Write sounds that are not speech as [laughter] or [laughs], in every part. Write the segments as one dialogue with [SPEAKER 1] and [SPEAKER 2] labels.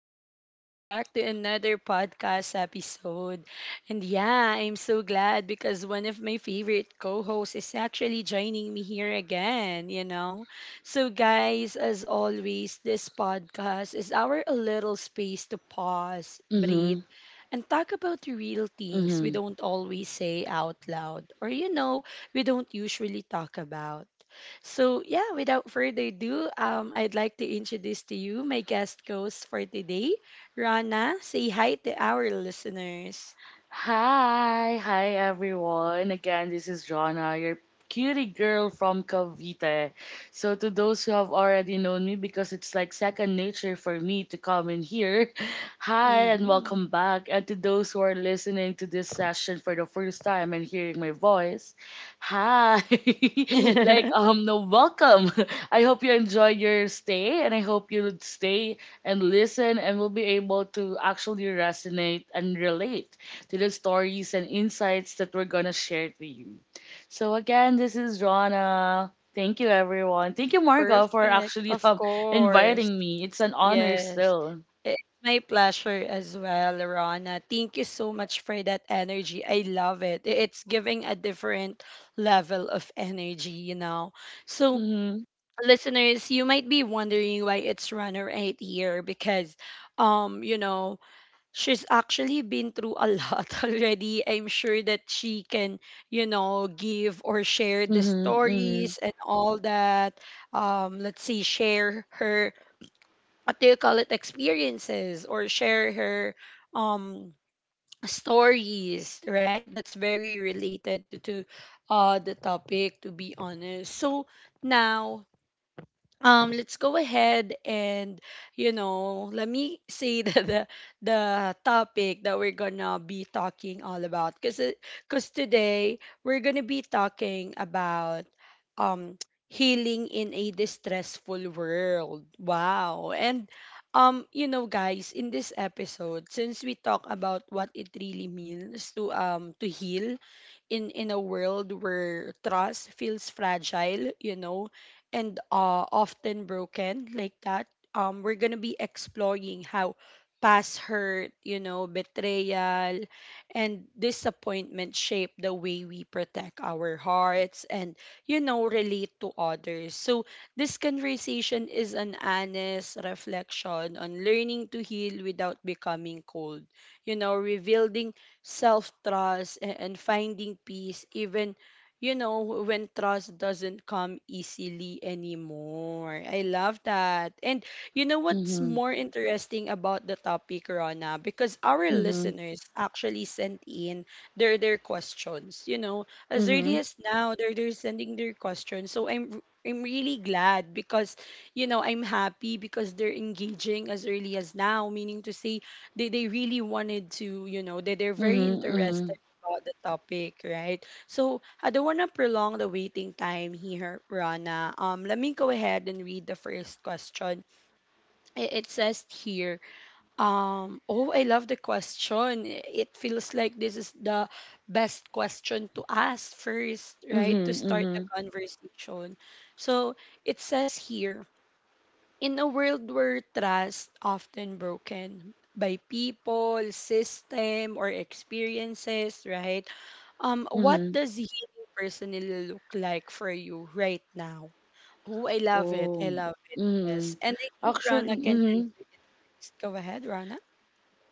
[SPEAKER 1] and welcome back to another podcast episode. And yeah, I'm so glad because one of my favorite co hosts is actually joining me here again. So, guys, as always, this podcast is our little space to pause, breathe,
[SPEAKER 2] Mhm,
[SPEAKER 1] and talk about the real things we
[SPEAKER 2] mhm.
[SPEAKER 1] don't always say out loud or we don't usually talk about. So, yeah, without further ado, I'd like to introduce to you my guest host for today, Rana. Say hi to our listeners.
[SPEAKER 2] Hi, hi everyone. Again, this is Jonna, your cutie girl from Cavite. So to those who have already known me, because it's like second nature for me to come in here. [laughs] Hi and
[SPEAKER 1] Hmm.
[SPEAKER 2] welcome back. And to those who are listening to this session for the first time and hearing my voice, hi. [laughs] like
[SPEAKER 1] [laughs]
[SPEAKER 2] um no welcome. [laughs] I hope you enjoy your stay, and I hope you would stay and listen and will be able to actually resonate and relate to the stories and insights that we're going to share to you. So, again, this is Rana. Thank you, everyone. Thank you, Marga, for
[SPEAKER 1] Perfect.
[SPEAKER 2] actually [laughs]
[SPEAKER 1] Of course.
[SPEAKER 2] inviting me. It's an honor
[SPEAKER 1] Yes.
[SPEAKER 2] still.
[SPEAKER 1] It's my pleasure as well, Rana. Thank you so much for that energy. I love it. It's giving a different level of energy. So,
[SPEAKER 2] Mm-hmm.
[SPEAKER 1] listeners, you might be wondering why it's runner eight here because, um, you know, she's actually been through a [laughs] lot already. I'm sure that she can give or share the
[SPEAKER 2] Mm-hmm.
[SPEAKER 1] stories and all that. Let's see, share her, what do you call it, experiences or share her, um, stories, right? That's very related to the topic, to be honest. So now let's go ahead and let me say [laughs] the topic that we're gonna be talking all about, because today we're gonna be talking about um [tsk] healing in a distressful world. Wow. And guys, in this episode, since we talk about what it really means to heal in a world where trust feels fragile, and often broken like that. We're gonna be exploring how past hurt, betrayal, and disappointment shape the way we protect our hearts and relate to others. So this conversation is an honest reflection on learning to heal without becoming cold. Revealing self trust and finding peace, even, when trust doesn't come easily anymore. I love that. And you know what's
[SPEAKER 2] Mm-hmm.
[SPEAKER 1] more interesting about the topic, Rana? Because our
[SPEAKER 2] Mm-hmm.
[SPEAKER 1] listeners actually sent in their questions, as early
[SPEAKER 2] Mm-hmm.
[SPEAKER 1] as now, they're sending their questions. So I'm really glad because I'm happy because they're engaging as early as now, meaning to say they really wanted to they're very
[SPEAKER 2] Mm-hmm. Mm-hmm.
[SPEAKER 1] interested about the topic, right? So I don't want to prolong the waiting time here, rana. Let me go ahead and read the first question. It says here. Oh, I love the question. It feels like this is the best question to ask first, right, to start the
[SPEAKER 2] Mm-hmm.
[SPEAKER 1] conversation. So it says here, in a world where trust often broken by people, system, or experiences, right? What
[SPEAKER 2] Mm-hmm. Hmm.
[SPEAKER 1] does healing personally look like for you right now? Oh, I love it. I
[SPEAKER 2] Oh.
[SPEAKER 1] love it.
[SPEAKER 2] Mm-hmm.
[SPEAKER 1] Yes. And I think
[SPEAKER 2] Actually,
[SPEAKER 1] Rana can
[SPEAKER 2] mm-hmm.
[SPEAKER 1] answer it first. Go ahead, Rana.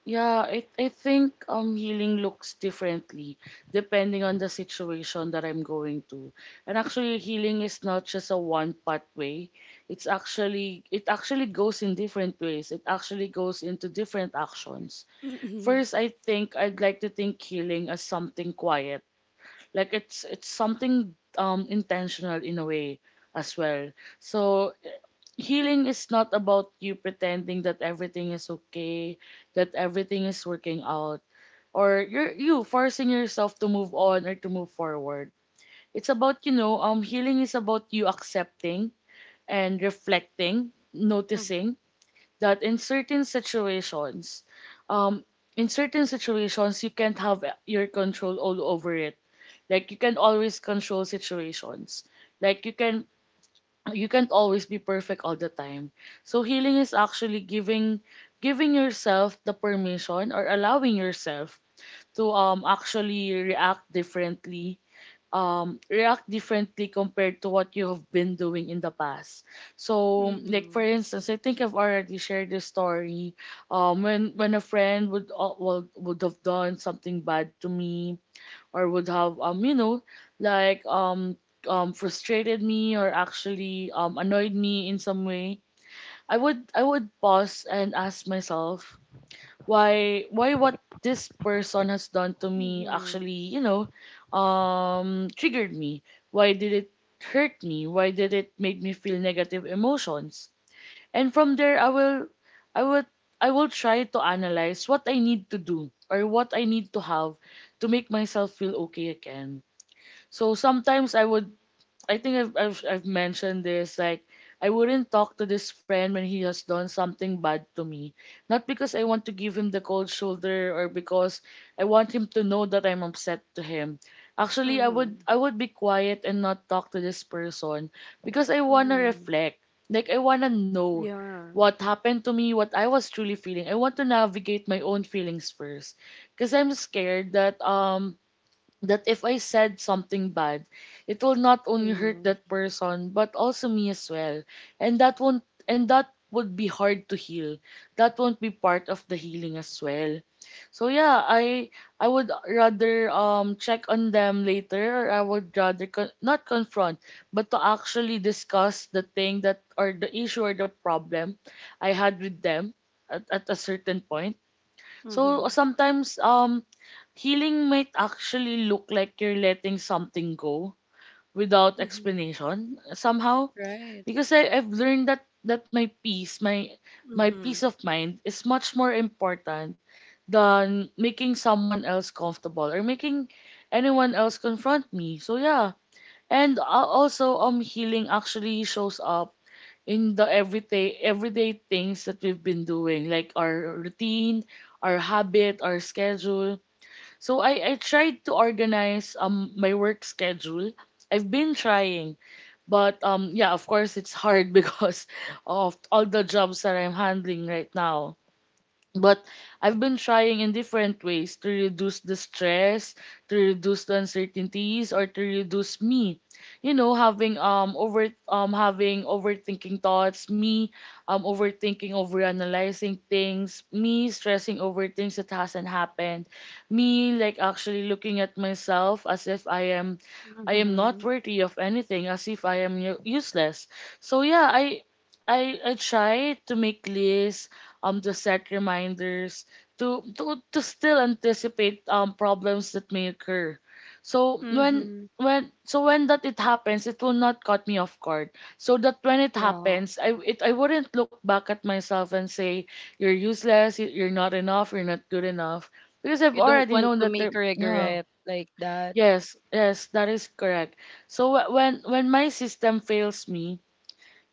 [SPEAKER 2] Yeah, I think healing looks differently depending on the situation that I'm going to. And actually healing is not just a one pathway. It actually goes in different ways. It actually goes into different actions.
[SPEAKER 1] Mm-hmm.
[SPEAKER 2] First, I think I'd like to think healing as something quiet, like it's something intentional in a way as well. So healing is not about you pretending that everything is okay, that everything is working out, or you forcing yourself to move on or to move forward. It's about, you know, healing is about you accepting and reflecting, noticing that in certain situations, um, you can't have your control all over it. Like, you can always control situations. Like, you can't always be perfect all the time. So healing is actually giving yourself the permission or allowing yourself to actually react differently, react differently compared to what you have been doing in the past. So, like, for
[SPEAKER 1] Mm-hmm.
[SPEAKER 2] instance, I think I've already shared this story. When a friend would have done something bad to me, or would have, you know, like um, frustrated me, or actually annoyed me in some way, I would pause and ask myself why, what this person has done to me
[SPEAKER 1] Mm-hmm.
[SPEAKER 2] actually, you know, triggered me. Why did it hurt me? Why did it make me feel negative emotions? And from there, i will I will try to analyze what I need to do or what I need to have to make myself feel okay again. So sometimes I would— I think I've mentioned this. Like, I wouldn't talk to this friend when he has done something bad to me. Not because I want to give him the cold shoulder, or because I want him to know that I'm upset to him. Actually, I
[SPEAKER 1] Mm-hmm.
[SPEAKER 2] would I would be quiet and not talk to this person because I wanna
[SPEAKER 1] Mm-hmm.
[SPEAKER 2] reflect. Like, I wanna know
[SPEAKER 1] Yeah.
[SPEAKER 2] what happened to me, what I was truly feeling. I want to navigate my own feelings first, because I'm scared that that if I said something bad, it will not only hurt that
[SPEAKER 1] Mm-hmm.
[SPEAKER 2] person but also me as well. And that won't and that would be hard to heal. That won't be part of the healing as well. So yeah, I would rather check on them later, or I would rather not confront but to actually discuss the thing that, or the issue, or the problem I had with them at a certain point. So
[SPEAKER 1] Mm-hmm.
[SPEAKER 2] sometimes, healing might actually look like you're letting something go without
[SPEAKER 1] Mm-hmm.
[SPEAKER 2] explanation somehow,
[SPEAKER 1] Right.
[SPEAKER 2] because I've learned that my peace, my
[SPEAKER 1] Mm-hmm.
[SPEAKER 2] peace of mind is much more important than making someone else comfortable or making anyone else confront me. So yeah, and also healing actually shows up in the everyday things that we've been doing, like our routine, our habit, our schedule. So I tried to organize my work schedule. I've been trying, but yeah, of course it's hard [laughs] because of all the jobs that I'm handling right now. But I've been trying in different ways to reduce the stress, to reduce the uncertainties, or to reduce me, you know, having over having overthinking thoughts, me overthinking, overanalyzing things, me stressing over things that hasn't happened, me like actually looking at myself as if I am
[SPEAKER 1] Mm-hmm.
[SPEAKER 2] not worthy of anything, as if I am useless. So yeah, I try to make lists, to set reminders, to still anticipate problems that may occur. So
[SPEAKER 1] Mm-hmm.
[SPEAKER 2] when that it happens, it will not cut me off guard. So that when it
[SPEAKER 1] Yeah.
[SPEAKER 2] happens, I wouldn't look back at myself and say you're useless, you're not enough, you're not good enough, because
[SPEAKER 1] You
[SPEAKER 2] I've
[SPEAKER 1] don't
[SPEAKER 2] already
[SPEAKER 1] want
[SPEAKER 2] known
[SPEAKER 1] to
[SPEAKER 2] that
[SPEAKER 1] make
[SPEAKER 2] there. Yeah.
[SPEAKER 1] regret like that.
[SPEAKER 2] Yes, yes, that is correct. So when my system fails me,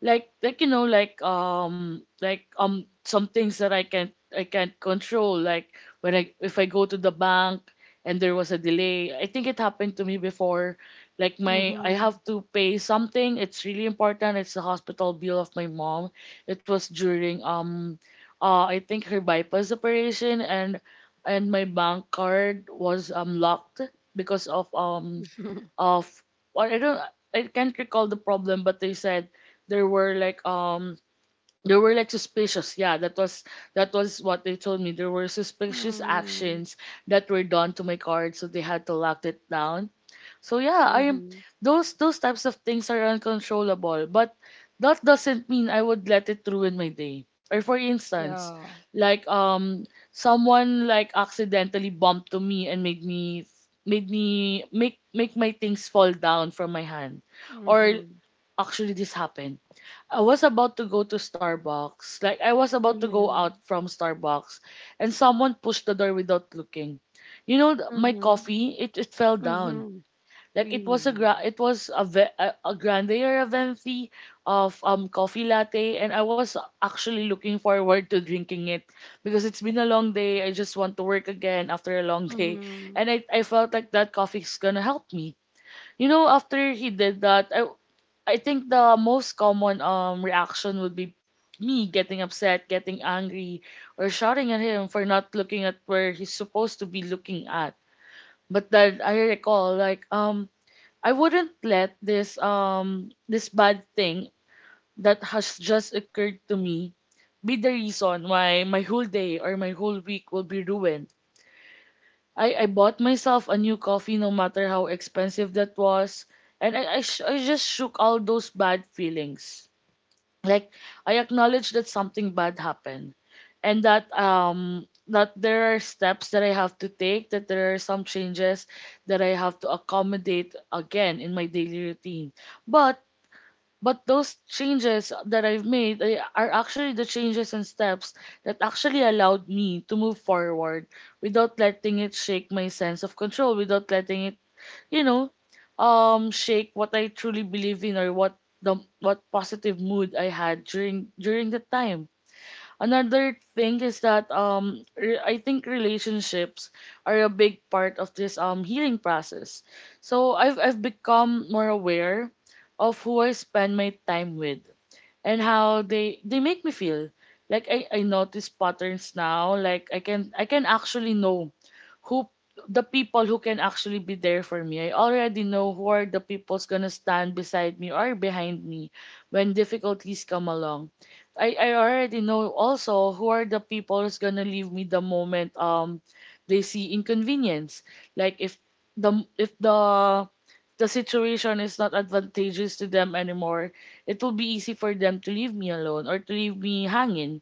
[SPEAKER 2] like you know, some things that I can't control, like when I if I go to the bank and there was a delay. I think it happened to me before. Like, my I
[SPEAKER 1] Mm-hmm.
[SPEAKER 2] have to pay something, it's really important, it's the hospital bill of my mom. It was during, I think, her bypass operation, and my bank card was locked because of,
[SPEAKER 1] [laughs]
[SPEAKER 2] of well, I don't— I can't recall the problem, but they said there were like suspicious— yeah, that was what they told me, there were suspicious
[SPEAKER 1] Mm-hmm.
[SPEAKER 2] actions that were done to my card, so they had to lock it down. So yeah, I am
[SPEAKER 1] Mm-hmm.
[SPEAKER 2] those types of things are uncontrollable, but that doesn't mean I would let it ruin my day. Or for instance,
[SPEAKER 1] Yeah.
[SPEAKER 2] someone like accidentally bumped to me and made me make make my things fall down from my hand. Or
[SPEAKER 1] Mm-hmm.
[SPEAKER 2] actually, this happened. I was about to go to Starbucks. Like, I was about to go
[SPEAKER 1] Mm-hmm.
[SPEAKER 2] out from Starbucks, and someone pushed the door without looking. You know, my
[SPEAKER 1] Mm-hmm.
[SPEAKER 2] coffee, it fell down.
[SPEAKER 1] Mm-hmm.
[SPEAKER 2] Like, it was a
[SPEAKER 1] Really.
[SPEAKER 2] grande or a venti of coffee latte, and I was actually looking forward to drinking it because it's been a long day. I just want to work again after a long [laughs] day,
[SPEAKER 1] Mm-hmm.
[SPEAKER 2] and I felt like that coffee's gonna help me. You know, after he did that, I think the most common reaction would be me getting upset, getting angry, or shouting at him for not looking at where he's supposed to be looking at. But then I recall, I wouldn't let this, this bad thing that has just occurred to me, be the reason why my whole day or my whole week will be ruined. I bought myself a new coffee, no matter how expensive that was. And I just shook all those bad feelings. Like, I acknowledge that something bad happened, and that that there are steps that I have to take, that there are some changes that I have to accommodate again in my daily routine. But but those changes that I've made, are actually the changes and steps that actually allowed me to move forward without letting it shake my sense of control, without letting it, you know, shake what I truly believe in, or what positive mood I had during that time. Another thing is that, I think relationships are a big part of this healing process. So I've become more aware of who I spend my time with and how they make me feel. Like, I notice patterns now. Like, I can actually know who— the people who can actually be there for me. I already know who are the people's gonna stand beside me or behind me when difficulties come along. I already know also who are the people who's gonna leave me the moment they see inconvenience. Like, if the situation is not advantageous to them anymore, it will be easy for them to leave me alone or to leave me hanging.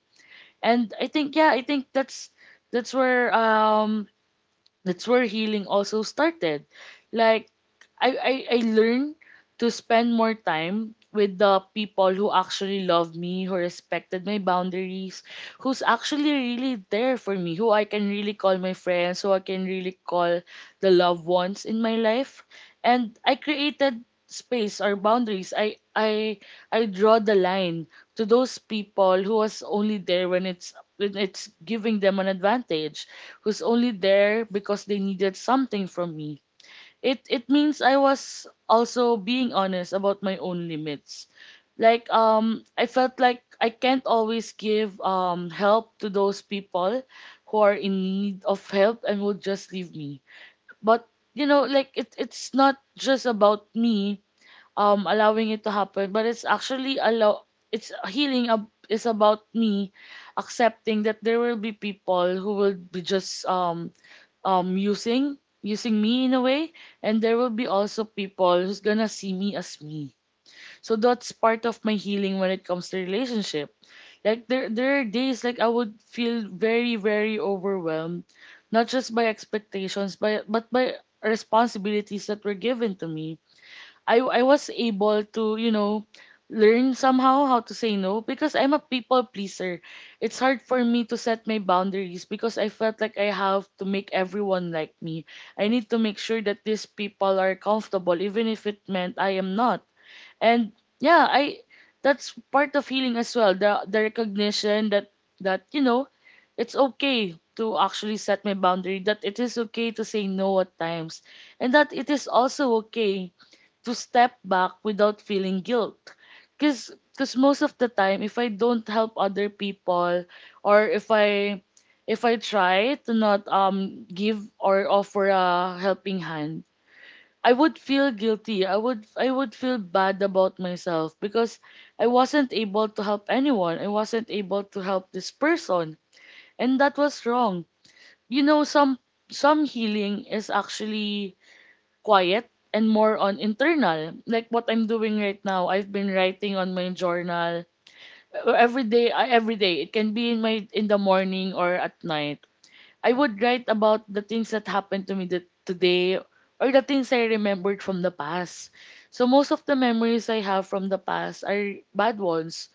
[SPEAKER 2] And I think, yeah, I think that's— that's where um that's where healing also started. Like, I learned to spend more time with the people who actually love me, who respected my boundaries, who's actually really there for me, who I can really call my friends, who I can really call the loved ones in my life. And I created space or boundaries. I draw the line to those people who was only there when it's giving them an advantage, who's only there because they needed something from me. It means I was also being honest about my own limits. Like I felt like I can't always give help to those people who are in need of help and would just leave me. But you know like it's not just about me allowing it to happen but it's actually allow it's healing is about me accepting that there will be people who will be just using me in a way, and there will be also people who's gonna see me as me. So that's part of my healing when it comes to relationship. Like there are days like I would feel very very overwhelmed, not just by expectations but by responsibilities that were given to me. I was able to, you know, learn somehow how to say no because I'm a people pleaser. It's hard for me to set my boundaries because I felt like I have to make everyone like me. I need to make sure that these people are comfortable even if it meant I am not. And yeah, I that's part of healing as well. The recognition that you know, it's okay to actually set my boundary, that it is okay to say no at times, and that it is also okay to step back without feeling guilt. Cause, cause most of the time, if I don't help other people, or if I try to not give or offer a helping hand, I would feel guilty. I would feel bad about myself because I wasn't able to help anyone. I wasn't able to help this person, and that was wrong. You know, some healing is actually quiet and more on internal. Like what I'm doing right now, I've been writing on my journal every day. Every day, it can be in my in the morning or at night. I would write about the things that happened to me that today or the things I remembered from the past. So most of the memories I have from the past are bad ones.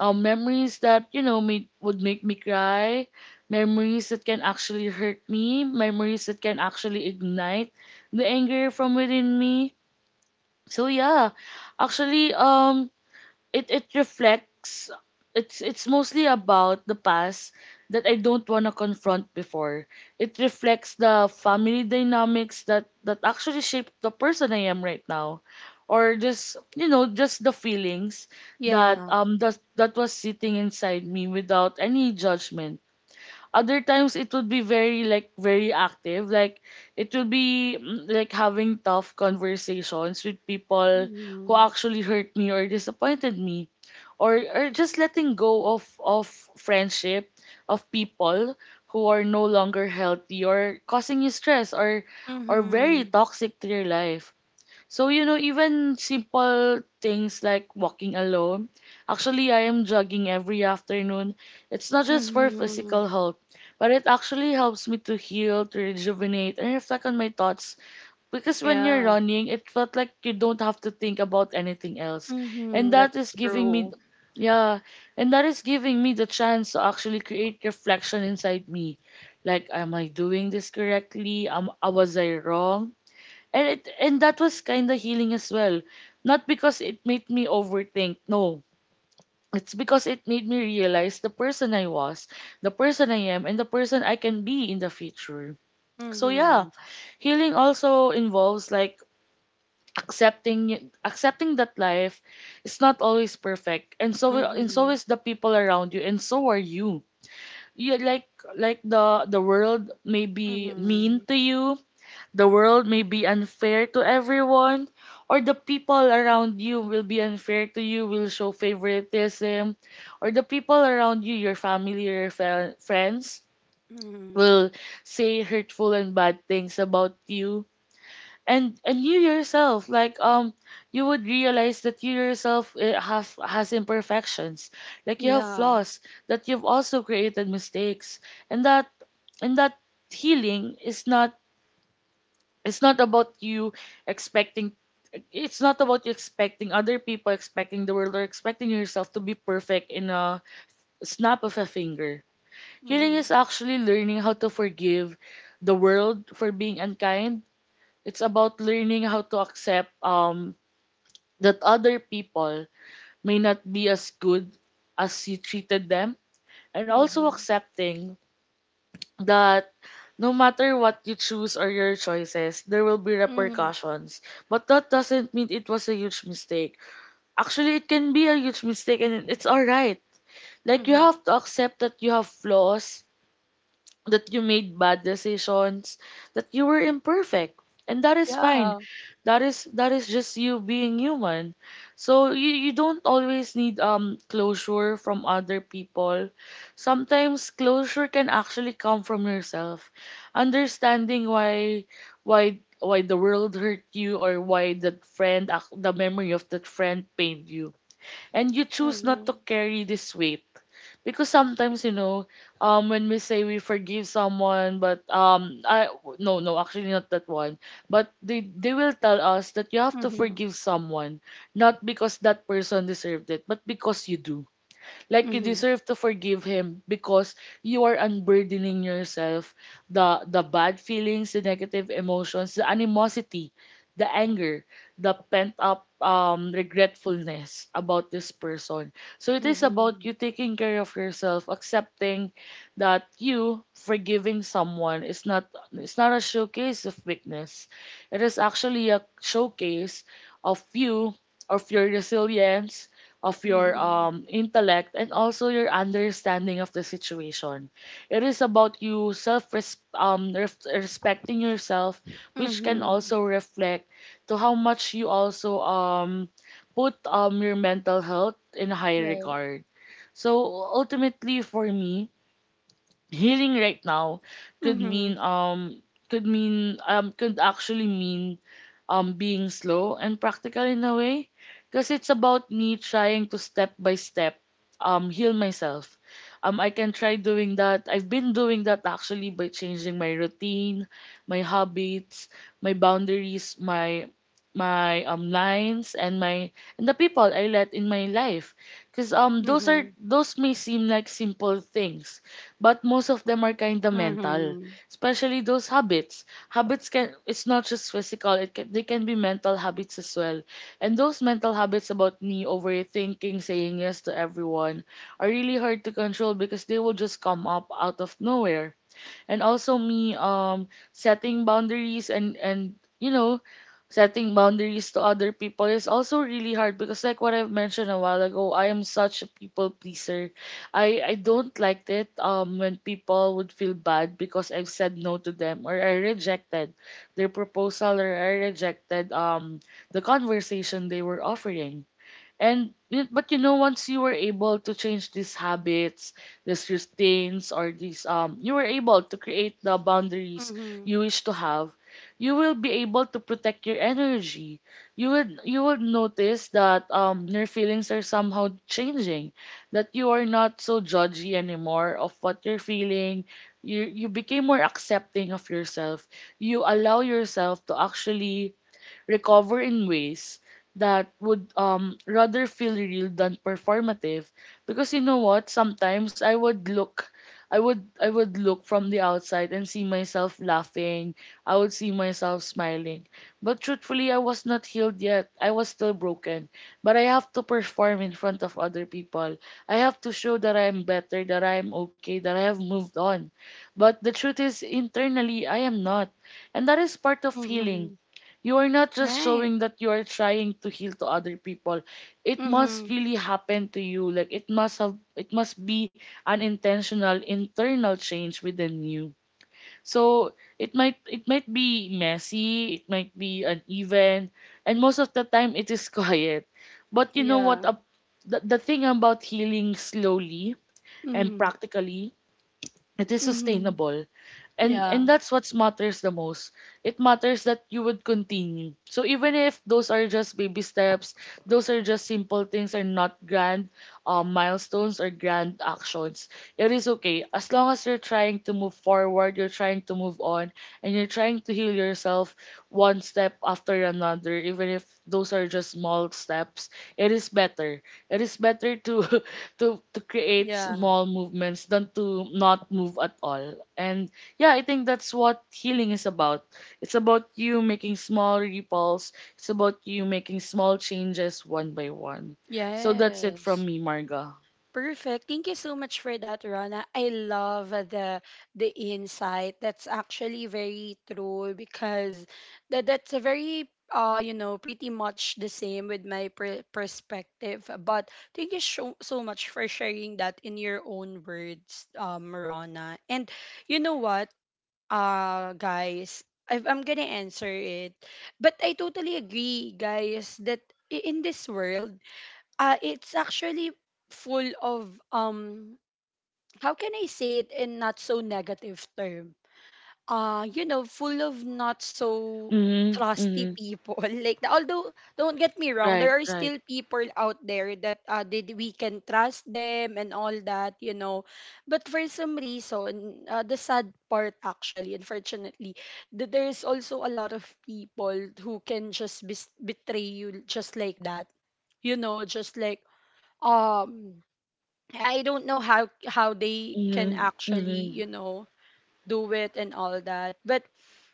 [SPEAKER 2] Memories that you know made, would make me cry, memories that can actually hurt me, memories that can actually ignite the anger from within me. So yeah, actually, um, it it reflects. It's mostly about the past that I don't want to confront before. It reflects the family dynamics that actually shaped the person I am right now, or just you know just the feelings that
[SPEAKER 1] Yeah.
[SPEAKER 2] that was sitting inside me without any judgment. Other times it would be very like very active. Like it will be like having tough conversations with people who
[SPEAKER 1] Mm-hmm.
[SPEAKER 2] actually hurt me or disappointed me. Or just letting go of friendship of people who are no longer healthy or causing you stress, or very
[SPEAKER 1] Mm-hmm.
[SPEAKER 2] toxic to your life. So, you know, even simple things like walking alone. Actually, I am jogging every afternoon. It's not just for
[SPEAKER 1] Mm-hmm.
[SPEAKER 2] physical health, but it actually helps me to heal, to rejuvenate, and reflect on my thoughts, because when you're
[SPEAKER 1] Yeah.
[SPEAKER 2] running, it felt like you don't have to think about anything else. And
[SPEAKER 1] Mm-hmm.
[SPEAKER 2] that
[SPEAKER 1] That's
[SPEAKER 2] is giving me,
[SPEAKER 1] true.
[SPEAKER 2] yeah, and that is giving me the chance to actually create reflection inside me. Like, am I doing this correctly? Was I wrong? And that was kind of healing as well. Not because it made me overthink, no. It's because it made me realize the person I was, the person I am, and the person I can be in the future. So yeah,
[SPEAKER 1] Mm-hmm.
[SPEAKER 2] healing also involves like accepting that life is not always perfect, and so
[SPEAKER 1] Mm-hmm.
[SPEAKER 2] is the people around you, and so are you. You like the world may be mean
[SPEAKER 1] Mm-hmm.
[SPEAKER 2] to you, the world may be unfair to everyone, or the people around you will be unfair to you, will show favoritism, or the people around you, your family, your friends,
[SPEAKER 1] Mm-hmm.
[SPEAKER 2] will say hurtful and bad things about you. And you yourself, like you would realize that you yourself eh, have has imperfections, like you have
[SPEAKER 1] Yeah.
[SPEAKER 2] flaws, that you've also created mistakes, and that and that healing is not it's not about you expecting other people, expecting the world, or expecting yourself to be perfect in a snap of a finger. Healing is
[SPEAKER 1] Mm-hmm.
[SPEAKER 2] actually learning how to forgive the world for being unkind. It's about learning how to accept that other people may not be as good as you treated them, and also
[SPEAKER 1] Mm-hmm.
[SPEAKER 2] accepting that no matter what you choose or your choices, there will be
[SPEAKER 1] Mm-hmm.
[SPEAKER 2] repercussions. But that doesn't mean it was a huge mistake. Actually, it can be a huge mistake and it's alright. Like, you
[SPEAKER 1] Mm-hmm.
[SPEAKER 2] have to accept that you have flaws, that you made bad decisions, that you were imperfect. And that is fine.
[SPEAKER 1] Yeah.
[SPEAKER 2] That is just you being human. So you don't always need closure from other people. Sometimes closure can actually come from yourself. Understanding why the world hurt you, or why that the memory of that friend pained you, and you choose not to
[SPEAKER 1] Mm-hmm.
[SPEAKER 2] carry this weight. Because sometimes you know when we say we forgive someone but I no no actually not that one, but they will tell us that you have to
[SPEAKER 1] Mhm.
[SPEAKER 2] forgive someone not because that person deserved it but because you do. Like you
[SPEAKER 1] Mhm.
[SPEAKER 2] deserve to forgive him because you are unburdening yourself, the bad feelings, the negative emotions, the animosity, the anger, the pent up regretfulness about this person. So it is about you
[SPEAKER 1] Mhm.
[SPEAKER 2] taking care of yourself, accepting that you forgiving someone is not it's not a showcase of weakness. It is actually a showcase of you, of your resilience, of your
[SPEAKER 1] Mhm.
[SPEAKER 2] intellect and also your understanding of the situation. It is about you respecting yourself, which can
[SPEAKER 1] Mhm.
[SPEAKER 2] also reflect to how much you also put your mental health in high
[SPEAKER 1] Right.
[SPEAKER 2] regard. So ultimately, for me, healing right now could
[SPEAKER 1] Mhm.
[SPEAKER 2] mean um could actually mean being slow and practical in a way, because it's about me trying to step by step heal myself. I can try doing that. I've been doing that actually by changing my routine, my habits, my boundaries, my lines, and my and the people I let in my life. Because those are
[SPEAKER 1] Mhm.
[SPEAKER 2] those may seem like simple things, but most of them are kind of mental,
[SPEAKER 1] Mhm.
[SPEAKER 2] especially those habits. Habits can it's not just physical; they can be mental habits as well. And those mental habits about me overthinking, saying yes to everyone, are really hard to control because they will just come up out of nowhere. And also me setting boundaries, and you know setting boundaries to other people is also really hard because, like what I've mentioned a while ago, I am such a people pleaser. I don't like it when people would feel bad because I've said no to them, or I rejected their proposal, or I rejected the conversation they were offering. But you know, once you were able to change these habits, these routines, or these you were able to create the boundaries
[SPEAKER 1] Mhm.
[SPEAKER 2] you wish to have, you will be able to protect your energy. You would notice that your feelings are somehow changing, that you are not so judgy anymore of what you're feeling. You became more accepting of yourself. You allow yourself to actually recover in ways that would rather feel real than performative. Because you know what, sometimes I would look from the outside and see myself laughing, I would see myself smiling, but truthfully I was not healed yet, I was still broken, but I have to perform in front of other people. I have to show that I am better, that I am okay, that I have moved on, but the truth is internally I am not. And that is part of healing.
[SPEAKER 1] Mhm.
[SPEAKER 2] You are not just
[SPEAKER 1] Right.
[SPEAKER 2] showing that you are trying to heal to other people. It must
[SPEAKER 1] Mhm.
[SPEAKER 2] really happen to you. Like it must be an intentional internal change within you. So it might be messy, it might be uneven, and most of the time it is [laughs] quiet. But you know
[SPEAKER 1] Yeah.
[SPEAKER 2] what? The thing about healing slowly and
[SPEAKER 1] Mhm.
[SPEAKER 2] practically, it is
[SPEAKER 1] Mhm.
[SPEAKER 2] sustainable, and
[SPEAKER 1] Yeah.
[SPEAKER 2] that's what matters the most. It matters that you would continue, so even if those are just baby steps, those are just simple things, are not grand milestones or grand actions. It is okay. As long as you're trying to move forward, you're trying to move on, and you're trying to heal yourself one step after another, even if those are just small steps, it is better. It is better to [laughs] to create
[SPEAKER 1] Yeah.
[SPEAKER 2] small movements than to not move at all. And yeah, I think that's what healing is about. It's about you making small ripples. It's about you making small changes one by one. So that's it from
[SPEAKER 1] Yes.
[SPEAKER 2] me, Marga.
[SPEAKER 1] Perfect. Thank you so much for that, Rana. I love the insight. That's actually very true, because that's a very pretty much the same with my perspective. But thank you so so much for sharing that in your own words, Rana. And you know what, guys, I'm gonna answer it, but I totally agree, guys, that in this world, it's actually full of, how can I say it in not so negative term? Full of not so
[SPEAKER 2] Mhm.
[SPEAKER 1] trusty
[SPEAKER 2] Mhm.
[SPEAKER 1] people. [laughs] Like, although, don't get me wrong, there
[SPEAKER 2] Right.
[SPEAKER 1] are
[SPEAKER 2] Right.
[SPEAKER 1] still people out there that did we can trust them and all that. But for some reason, the sad part, actually, unfortunately, there's also a lot of people who can just betray you just like that. Just like, um I don't know how they can
[SPEAKER 2] Mhm.
[SPEAKER 1] actually,
[SPEAKER 2] Mhm.
[SPEAKER 1] you know, do it and all that. But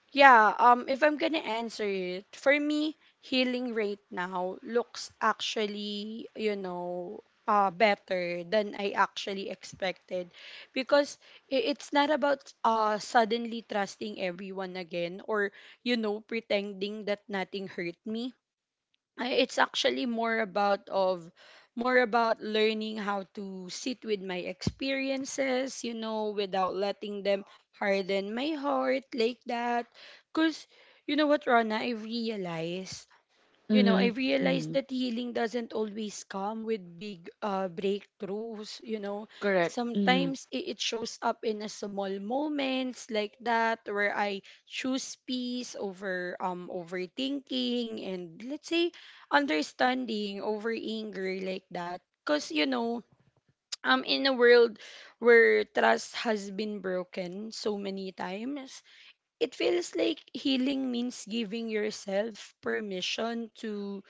[SPEAKER 1] yeah, if I'm going to answer it, for me, healing right now looks, actually, better than I actually expected, because it's not about, suddenly trusting everyone again, or pretending that nothing hurt me. It's actually more about learning how to sit with my experiences, without letting them harden my heart like that. Because you know what, Rana, I
[SPEAKER 2] Mhm.
[SPEAKER 1] realized
[SPEAKER 2] Mhm.
[SPEAKER 1] that healing doesn't always come with big, breakthroughs. You know,
[SPEAKER 2] Correct. Mhm.
[SPEAKER 1] sometimes it shows up in a small moments like that, where I choose peace over overthinking and, let's say, understanding over anger like that. Cause [tsk] I'm in a world where trust has been broken so many times. It feels like healing means giving yourself permission to,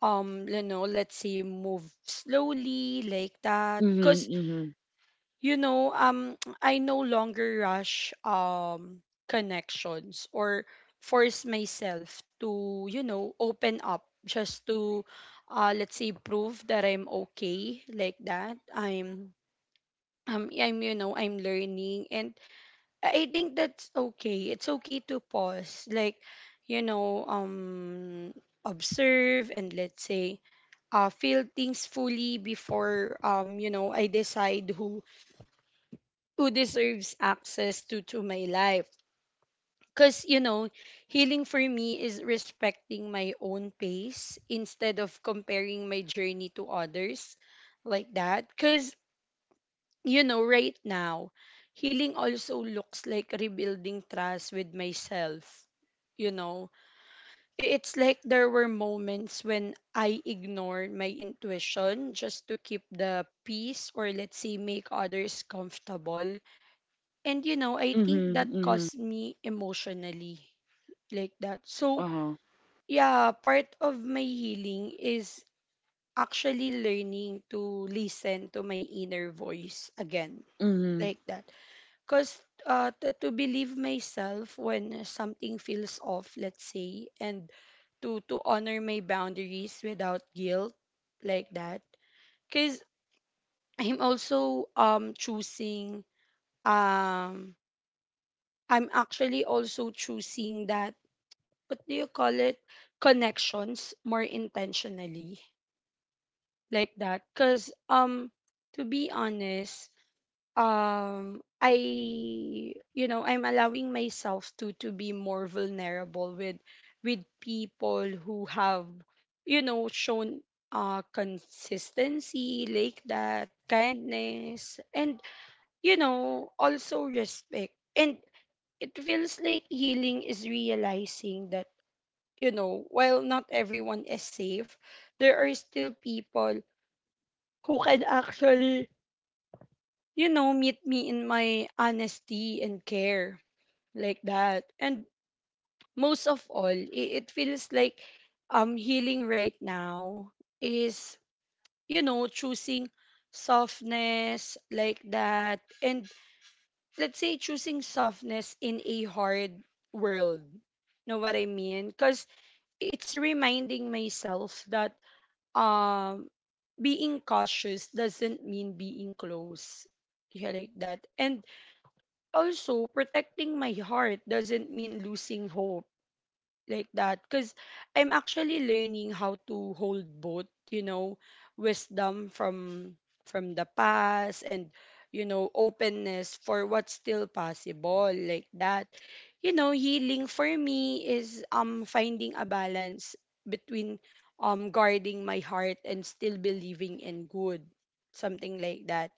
[SPEAKER 1] let's say, move slowly like that,
[SPEAKER 2] Mhm.
[SPEAKER 1] because
[SPEAKER 2] Mhm.
[SPEAKER 1] you know um [tsk] I no longer rush connections or force myself to, open up just to, let's say, prove that I'm okay like that. I'm learning, and I think that's okay. It's okay to pause, like, you know, um, observe and, let's say, feel things fully before I decide who deserves access to my life. Cause healing for me is respecting my own pace instead of comparing my journey to others like that. Cause right now, healing also looks like rebuilding trust with myself. You know, it's like there were moments when I ignored my intuition just to keep the peace, or, let's say, make others comfortable. And I think
[SPEAKER 2] Mhm.
[SPEAKER 1] that
[SPEAKER 2] Mhm.
[SPEAKER 1] caused me emotionally like that. So,
[SPEAKER 2] Uh-huh.
[SPEAKER 1] yeah, part of my healing is actually learning to listen to my inner voice again
[SPEAKER 2] Mhm.
[SPEAKER 1] like that. Because, to believe myself when something feels off, let's say, and to honor my boundaries without guilt like that. Because I'm also um, choosing, um, I'm actually also choosing that, what do you call it? Connections more intentionally like that. Because, to be honest, I you know I'm allowing myself to be more vulnerable with people who have shown, consistency, like that, kindness, and also respect. And it feels like healing is realizing that, while not everyone is safe, there are still people who can actually meet me in my honesty and care like that. And most of all, it feels like, healing right now is choosing softness like that. And, let's say, choosing softness in a hard world. Know what I mean? Because it's reminding myself that, um being cautious doesn't mean being close. Yeah, like that. And also protecting my heart doesn't mean losing hope like that, because I'm actually learning how to hold both, wisdom from the past, and openness for what's still possible like that. Healing for me is, finding a balance between, guarding my heart and still believing in good, something like that.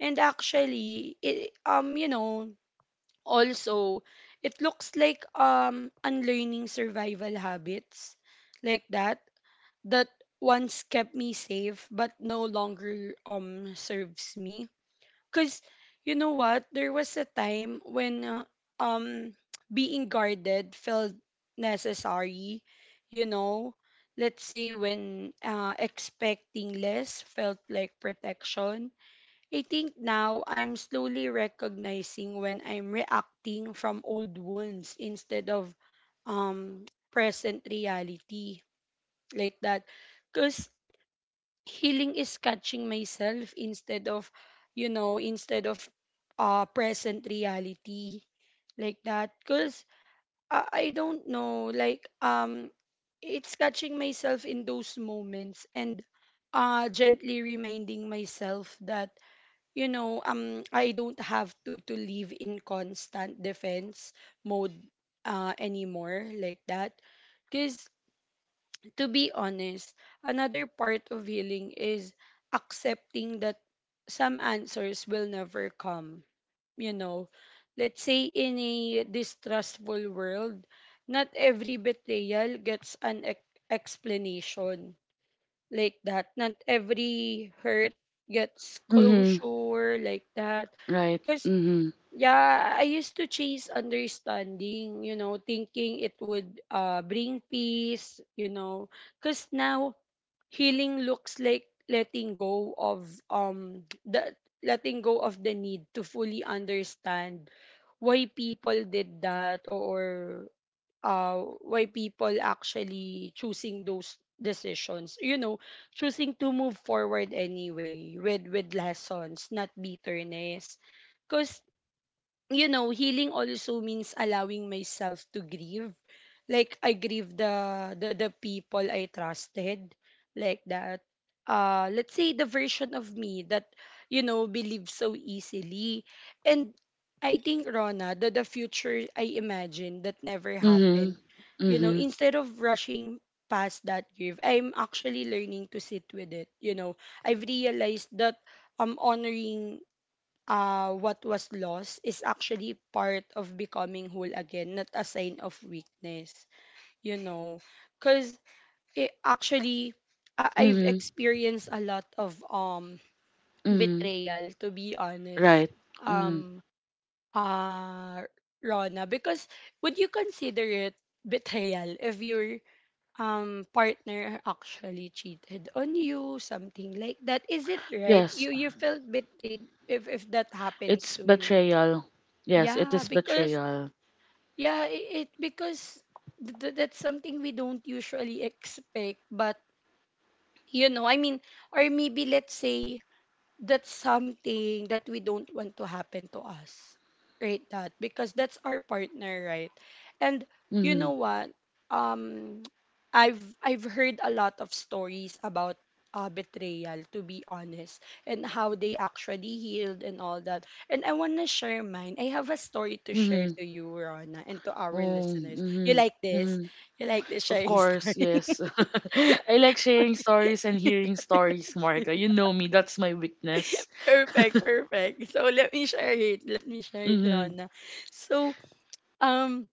[SPEAKER 1] And actually it, you know also, it looks like, unlearning survival habits like that, that once kept me safe but no longer, serves me. Cause you know what? There was a time when, um [tsk] being guarded felt necessary, you know. Let's say when, expecting less felt like protection. I think now I'm slowly recognizing when I'm reacting from old wounds instead of, um present reality like that, because healing is catching myself instead of present reality like that. Because I, I don't know, like, it's catching myself in those moments and, gently reminding myself that, I don't have to live in constant defense mode, anymore like that. Because, to be honest, another part of healing is accepting that some answers will never come. You know, let's say, in a distrustful world, not every betrayal gets an explanation like that. Not every hurt gets
[SPEAKER 2] Mhm.
[SPEAKER 1] closure like that.
[SPEAKER 2] Right.
[SPEAKER 1] Because,
[SPEAKER 2] Mhm.
[SPEAKER 1] yeah, I used to chase understanding, thinking it would, bring peace. Because now, healing looks like letting go of the need to fully understand why people did that, or why people actually choosing those decisions, choosing to move forward anyway with lessons, not bitterness, because, healing also means allowing myself to grieve. Like, I grieve the people I trusted like that. Let's say the version of me that believes so easily. And I think Rona, the future I imagined that never
[SPEAKER 2] Mhm.
[SPEAKER 1] happened. You know,
[SPEAKER 2] Mhm.
[SPEAKER 1] instead of rushing past that grief, I'm actually learning to sit with it. You know, I've realized that I'm honoring what was lost is actually part of becoming whole again, not a sign of weakness, you know. Because it actually, I've
[SPEAKER 2] Mhm.
[SPEAKER 1] experienced a lot of
[SPEAKER 2] Mhm.
[SPEAKER 1] betrayal, to be honest.
[SPEAKER 2] Right. Mhm.
[SPEAKER 1] Um, uh, Rona, because would you consider it betrayal if your partner actually cheated on you, something like that? Is it right? You
[SPEAKER 2] Yes,
[SPEAKER 1] you felt betrayed if that happens
[SPEAKER 2] it's
[SPEAKER 1] to you?
[SPEAKER 2] betrayal. Yes, it
[SPEAKER 1] Yeah,
[SPEAKER 2] is
[SPEAKER 1] because
[SPEAKER 2] betrayal.
[SPEAKER 1] yeah, it because that's something we don't usually expect. But you know, I mean, or maybe let's say that's something that we don't want to happen to us, right? That because that's our partner, right? And you know
[SPEAKER 2] Mhm.
[SPEAKER 1] what? um [tsk] I've heard a lot of stories about betrayal, to be honest, and how they actually healed and all that. And I want to share mine. I have a story to share
[SPEAKER 2] Mhm.
[SPEAKER 1] to you, Rona, and to our
[SPEAKER 2] Oh.
[SPEAKER 1] listeners. You
[SPEAKER 2] Mhm.
[SPEAKER 1] like this?
[SPEAKER 2] Mhm.
[SPEAKER 1] You like the
[SPEAKER 2] Of
[SPEAKER 1] sharing
[SPEAKER 2] course,
[SPEAKER 1] story?
[SPEAKER 2] yes. [laughs] I like sharing stories and hearing stories, Marga.
[SPEAKER 1] [laughs]
[SPEAKER 2] You know me, that's my weakness.
[SPEAKER 1] Perfect,
[SPEAKER 2] [laughs]
[SPEAKER 1] so let me share it,
[SPEAKER 2] Mhm.
[SPEAKER 1] Rona. So Um,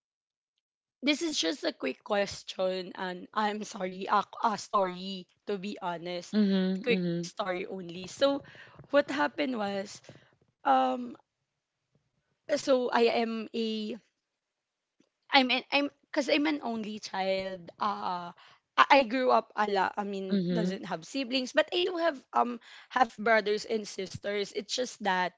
[SPEAKER 1] this is just a quick question, and I'm sorry, a story to be honest.
[SPEAKER 2] Mhm.
[SPEAKER 1] Quick
[SPEAKER 2] Mhm.
[SPEAKER 1] story only. So, what happened was, um, so I am I'm, cause I'm an only child. I grew up I mean,
[SPEAKER 2] Mhm.
[SPEAKER 1] doesn't have siblings, but I do have half brothers and sisters. It's just that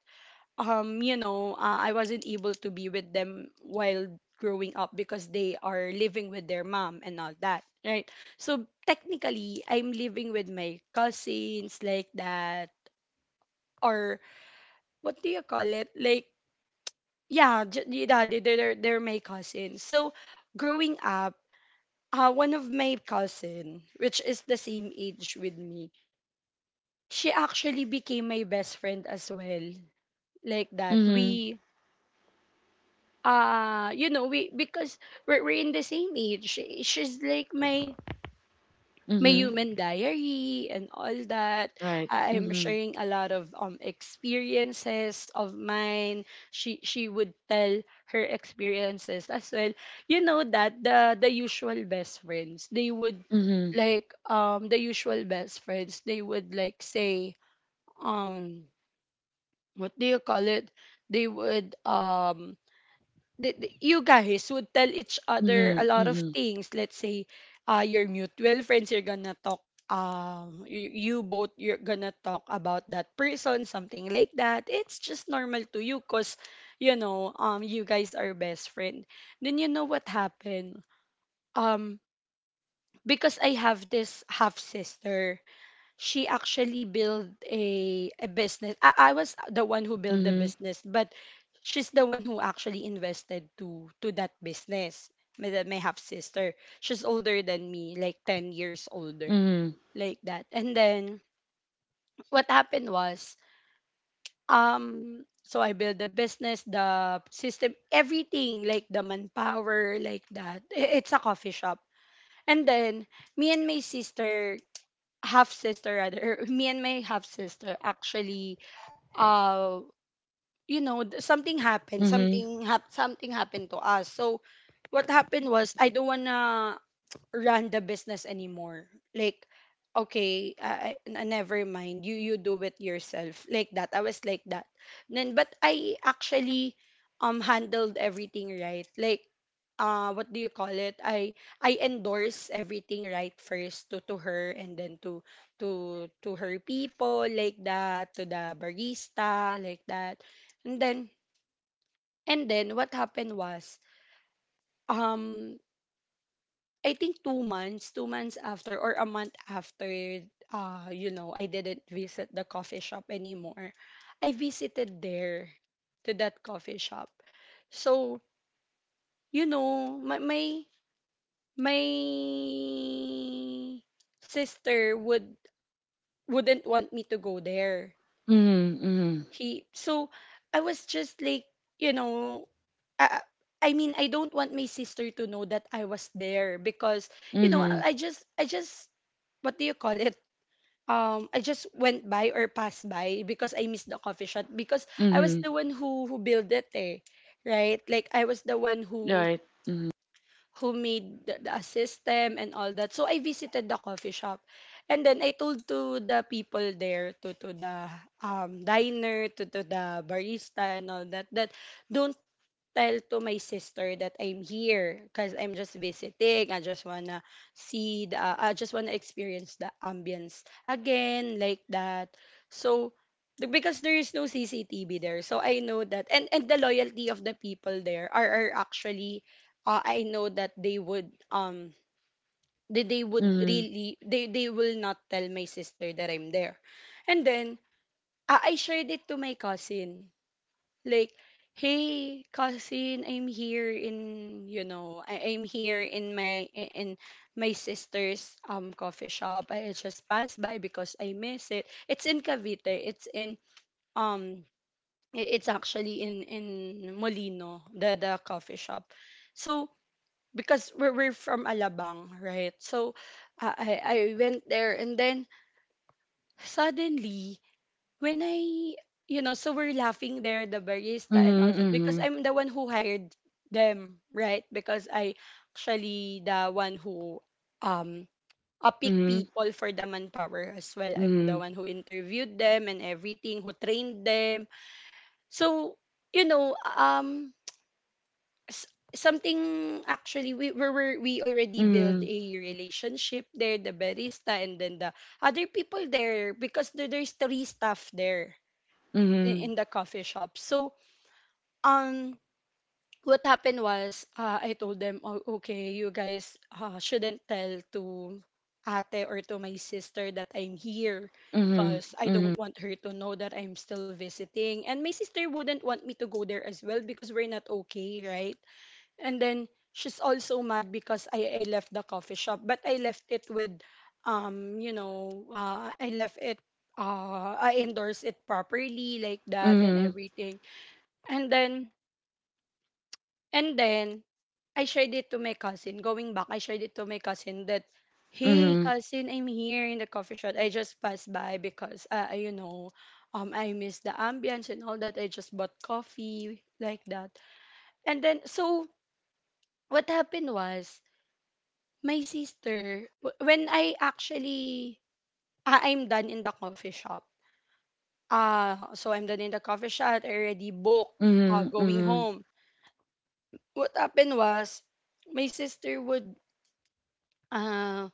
[SPEAKER 1] I wasn't able to be with them while growing up because they are living with their mom and all that, right? So technically I'm living with my cousins like that. Or what do you call it? Like, yeah, they're my cousins. So growing up, one of my cousin, which is the same age with me, she actually became my best friend as well. Like that,
[SPEAKER 2] Mhm.
[SPEAKER 1] we you know we because we're in the same age. She- she's like my
[SPEAKER 2] Mhm.
[SPEAKER 1] human diary and all that.
[SPEAKER 2] Right.
[SPEAKER 1] I'm
[SPEAKER 2] Mhm.
[SPEAKER 1] sharing a lot of experiences of mine. She would tell her experiences as well. You know, that the usual best friends they would
[SPEAKER 2] Mhm.
[SPEAKER 1] like the usual best friends they would like say, um what do you call it they would you guys would tell each other a
[SPEAKER 2] Mhm.
[SPEAKER 1] lot of
[SPEAKER 2] Mhm.
[SPEAKER 1] things. Let's say, your mutual friends, you're gonna talk, you both, you're gonna talk about that person, something like that. It's just normal to you because, you know, you guys are best friend. Then you know what happened? Um, because I have this half sister, she actually built a business. I was the one who built the
[SPEAKER 2] Mhm.
[SPEAKER 1] business, but she's the one who actually invested to that business. My half sister, she's older than me, like 10 years older,
[SPEAKER 2] Mhm.
[SPEAKER 1] like that. And then what happened was, so I built the business, the system, everything, like the manpower, like that. It's a coffee shop. And then me and my sister, half sister rather, [laughs] me and my half sister actually uh something happened,
[SPEAKER 2] Mhm.
[SPEAKER 1] something happened to us. So what happened was, I don't wanna run the business anymore. Like, okay, never mind. You do it yourself. Like that. I was like that. Then, but I actually handled everything, right? Like, what do you call it? I endorse everything right first to her and then to to her people like that, to the barista like that, and then and then what happened was, um I think 2 months, 2 months after or a month after, you know, I didn't visit the coffee shop anymore. I visited there, to that coffee shop. So, you know, my sister would wouldn't want me to go there.
[SPEAKER 2] Mhm.
[SPEAKER 1] He so I was just like, you know, I, I mean, I don't want my sister to know that I was there because, you know,
[SPEAKER 2] Mhm.
[SPEAKER 1] I just what do you call it? I just went by or passed by because I missed the coffee shop because
[SPEAKER 2] Mhm.
[SPEAKER 1] I was the
[SPEAKER 2] Mhm.
[SPEAKER 1] one who built it, eh, right? Like I was the one
[SPEAKER 2] Right. Mhm.
[SPEAKER 1] who made the system and all that. So I visited the coffee shop, and then I told to the people there, to the diner, to the barista and all that, that don't tell to my sister that I'm here because I'm just visiting. I just wanna see I just wanna experience the ambience again like that. So because there is no CCTV there, so I know that. And the loyalty of the people there are actually, I know that they would they would
[SPEAKER 2] Mhm.
[SPEAKER 1] really they will not tell my sister that I'm there, and then. Ah, I shared it to my cousin, like, hey cousin, I'm here in, you know, I'm here in my I- in my sister's coffee shop. I just passed by because I miss it. It's in Cavite. It's in um it's actually in Molino, the coffee shop. So because we're from Alabang, right? So I went there, and then suddenly when you know, so we're laughing there, the barista and all that, because
[SPEAKER 2] Mhm.
[SPEAKER 1] I'm the one who hired them, right? Because I actually the one who um pick
[SPEAKER 2] Mhm.
[SPEAKER 1] people for the manpower as well. I'm the one who interviewed them and everything, who trained them. So, you know, something actually we already build
[SPEAKER 2] Mhm.
[SPEAKER 1] a relationship there, the barista and then the other people there, because there's three staff there
[SPEAKER 2] Mhm.
[SPEAKER 1] in the coffee shop. So, um, what happened was, I told them, oh, okay, you guys shouldn't tell to ate or to my sister that I'm here
[SPEAKER 2] Mhm.
[SPEAKER 1] because I don't
[SPEAKER 2] Mhm.
[SPEAKER 1] want her to know that I'm still visiting. And my sister wouldn't want me to go there as well because we're not okay, right? And then she's also mad because I left the coffee shop, but I left it with, you know, I endorsed it properly like that and
[SPEAKER 2] Mhm.
[SPEAKER 1] everything. And then and then I shared it to my cousin. Going back, I shared it to my cousin that, hey
[SPEAKER 2] Mhm.
[SPEAKER 1] cousin, I'm here in the coffee shop. I just passed by because you know, I miss the ambience and all that. I just bought coffee like that. And then so what happened was, my sister when I actually, ah, I'm done in the coffee shop. So I'm done in the coffee shop. I already booked going
[SPEAKER 2] Mhm.
[SPEAKER 1] home. What happened was, my sister would Uh,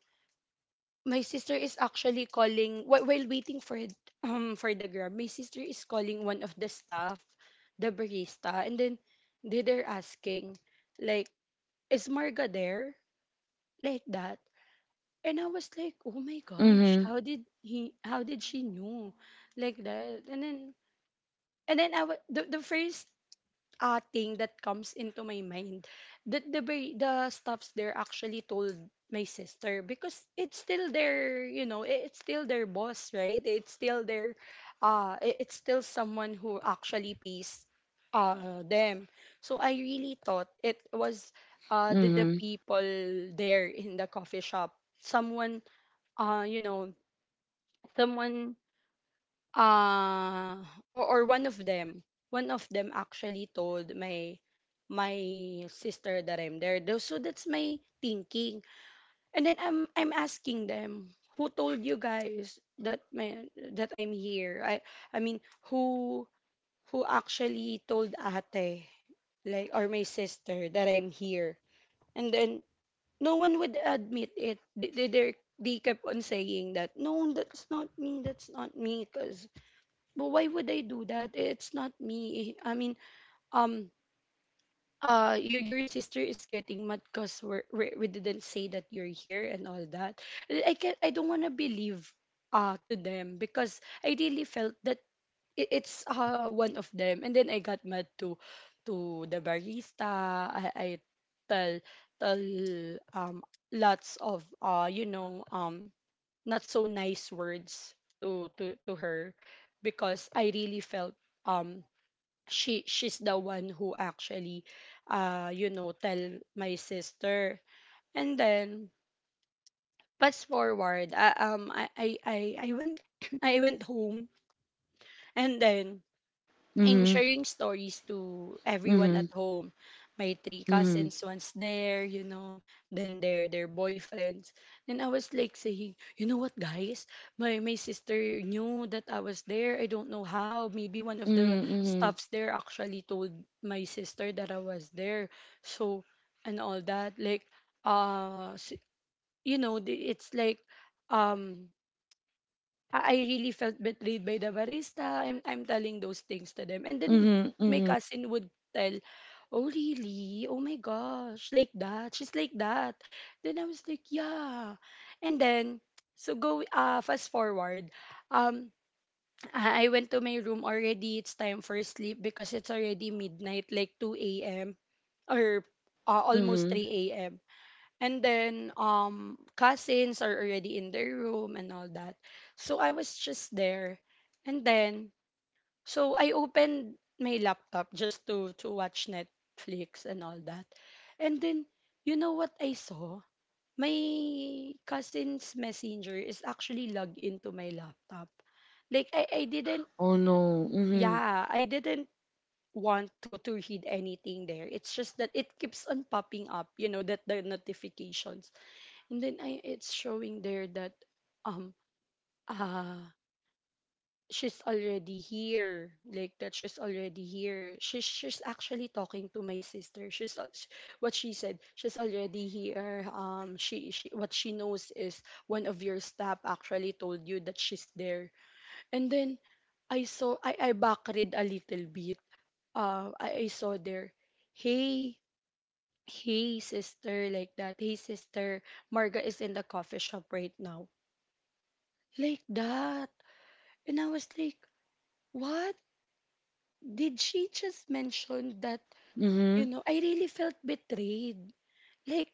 [SPEAKER 1] my sister is actually calling while waiting for for the grab. My sister is calling one of the staff, the barista, and then they're asking, like, "Is Marga there?" Like that. And I was like, "Oh my
[SPEAKER 2] Mhm.
[SPEAKER 1] gosh,
[SPEAKER 2] Mhm.
[SPEAKER 1] how did he? How did she knew?" Like that. And then the first thing that comes into my mind, that the stuffs there actually told my sister because it's still their, you know, it's still their boss, right? It's still their it's still someone who actually pays them. So I really thought it was the
[SPEAKER 2] Mhm.
[SPEAKER 1] people there in the coffee shop, someone, uh you know someone, uh or one of them, one of them actually told my sister that I'm there. So that's my thinking. And then I'm asking them, who told you guys that my that I'm here? I mean, who who actually told ate, like, or my sister that I'm here? And then no one would admit it. They kept on saying that no, that's not me, that's not me, because but why would I do that? It's not me. I mean, um, your sister is getting mad because we didn't say that you're here and all that. And I can I don't wanna believe to them because I really felt that it's one of them, and then I got mad to the barista. I tell tell um lots of not so nice words to to her because I really felt um she's the one who actually tell my sister. And then fast forward, I went [coughs] [clears throat] I went home, and then I'm
[SPEAKER 2] Mhm.
[SPEAKER 1] sharing stories to everyone
[SPEAKER 2] Mhm.
[SPEAKER 1] at home. My three
[SPEAKER 2] Mhm. Mhm. Mhm.
[SPEAKER 1] cousins once there, you know, then their boyfriends. And I was like saying, you know what, guys? My sister knew that I was there. I don't know how. Maybe one of the
[SPEAKER 2] Mhm.
[SPEAKER 1] staffs there actually told my sister that I was there. So and all that, like, uh, s- you know, it's like, um, I really felt betrayed by the barista. I'm telling those things to them. And then
[SPEAKER 2] Mhm.
[SPEAKER 1] my
[SPEAKER 2] Mhm.
[SPEAKER 1] cousin would tell, oh, really? Oh my gosh. Like that. She's like that. Then I was like, yeah. And then, so go, fast forward. Um, I went to my room already. It's time for sleep because it's already midnight, like 2 a.m. or almost
[SPEAKER 2] Mhm.
[SPEAKER 1] 3 a.m. And then cousins are already in their room and all that. So I was just there. And then so I opened my laptop just to watch Netflix and all that. And then you know what I saw? My cousin's messenger is actually logged into my laptop. Like I didn't
[SPEAKER 2] Oh no. Mhm.
[SPEAKER 1] yeah, I didn't want to read anything there. It's just that it keeps on popping up, you know, that the notifications and then it's showing there that um ah she's already here, like that, she's already here, she's actually talking to my sister. What she said, she's already here. She what she knows is one of your staff actually told you that she's there. And then I saw I backread a little bit. I saw there, hey, hey sister, like that, hey sister, Marga is in the coffee shop right now. Like that. And I was like, what? Did she just mention that? You
[SPEAKER 2] Mhm.
[SPEAKER 1] know, I really felt betrayed. Like,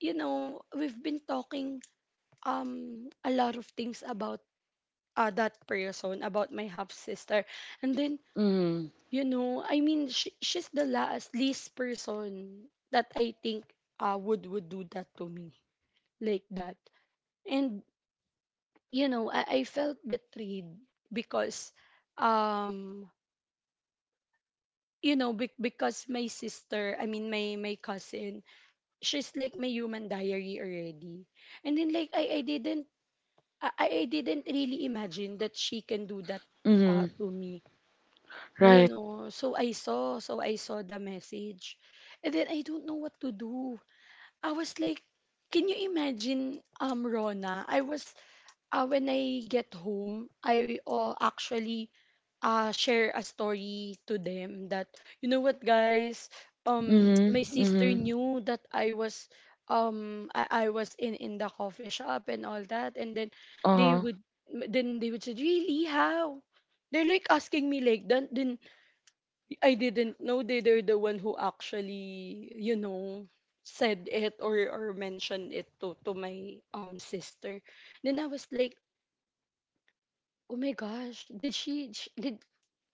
[SPEAKER 1] you know, we've been talking a lot of things about that person, about my half sister. And then,
[SPEAKER 2] Mhm.
[SPEAKER 1] you know, I mean, she's the last least person that I think would do that to me, like that. And you know, I felt betrayed because um you know, because my sister, I mean my my cousin, she's like my human diary already. And then like I didn't I didn't really imagine that she can do that,
[SPEAKER 2] Mhm.
[SPEAKER 1] to me. Ngayon,
[SPEAKER 2] Right.
[SPEAKER 1] oh, so I saw, so I saw the message, and then I don't know what to do. I was like, can you imagine, Rona, I was, when I get home I, actually, share a story to them that, you know what guys,
[SPEAKER 2] Mhm.
[SPEAKER 1] [tsk] my sister
[SPEAKER 2] Mhm.
[SPEAKER 1] knew that I was, I was in the coffee shop and all that. And then they
[SPEAKER 2] Uh-huh.
[SPEAKER 1] would, then they would say really how, they're like asking me like that. Then I didn't know they're the one who actually, you know, said it or mentioned it to my sister. Then I was like, oh my gosh, did she did,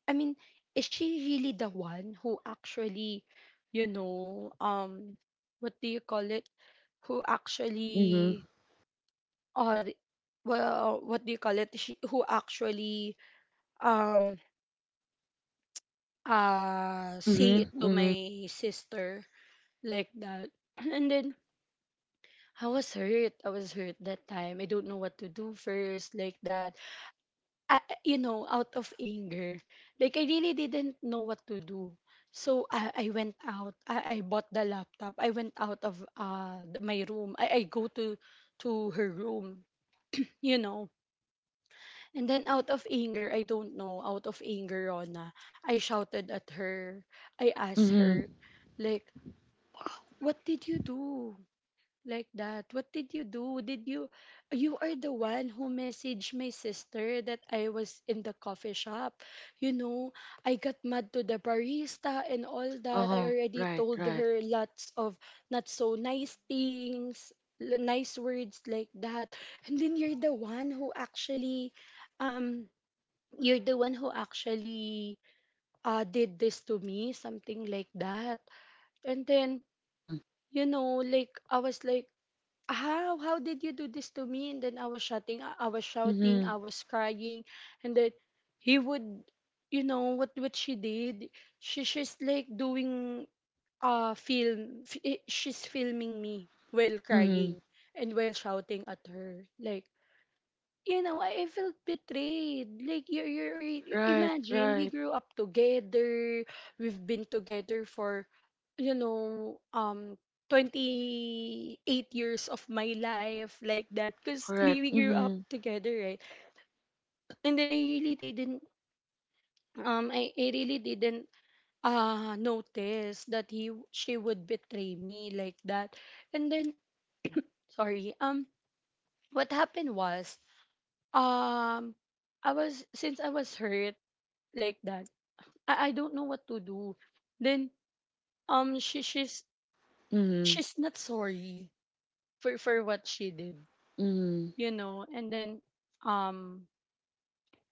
[SPEAKER 1] I mean, is she really the one who actually, you know, what do you call it? Who actually,
[SPEAKER 2] Mhm.
[SPEAKER 1] or well, what do you call it? She, who actually, um, say it
[SPEAKER 2] Mhm.
[SPEAKER 1] to
[SPEAKER 2] Mhm.
[SPEAKER 1] my sister, like that, [clears throat] and then I was hurt. I was hurt that time. I don't know what to do first, like that. You know, out of anger. Like, I really didn't know what to do. So, I went out. I bought the laptop. I went out of my room. I go to her room, you know. And then, out of anger, I don't know, out of anger, Rona, I shouted at her. I asked
[SPEAKER 2] Mhm.
[SPEAKER 1] her, like, what did you do? Like that. What did you do? Did you, you are the one who messaged my sister that I was in the coffee shop. You know, I got mad to the barista and all that. I
[SPEAKER 2] Uh-huh.
[SPEAKER 1] already
[SPEAKER 2] Right,
[SPEAKER 1] told
[SPEAKER 2] right.
[SPEAKER 1] her lots of not so nice things, nice words, like that. And then you're the one who actually, um you're the one who actually, did this to me, something like that. And then
[SPEAKER 2] Mhm.
[SPEAKER 1] you know, like I was like, how did you do this to me? And then I was shouting,
[SPEAKER 2] Mhm.
[SPEAKER 1] I was crying. And then he would, you know what she did, she's like doing, she's filming me while
[SPEAKER 2] Mhm.
[SPEAKER 1] crying and while shouting at her. Like, you know, I felt betrayed. Like
[SPEAKER 2] Right,
[SPEAKER 1] imagine we
[SPEAKER 2] right.
[SPEAKER 1] grew up together. We've been together for, you know, 28 years of my life, like that, cuz
[SPEAKER 2] Correct.
[SPEAKER 1] we grew up
[SPEAKER 2] Mhm.
[SPEAKER 1] together, right? And then I really didn't I really didn't notice that he she would betray me like that. And then sorry, what happened was, um I was, since I was hurt, like that. I don't know what to do. Then um she she's
[SPEAKER 2] Mhm.
[SPEAKER 1] she's not sorry for what she did,
[SPEAKER 2] Mhm.
[SPEAKER 1] you know. And then um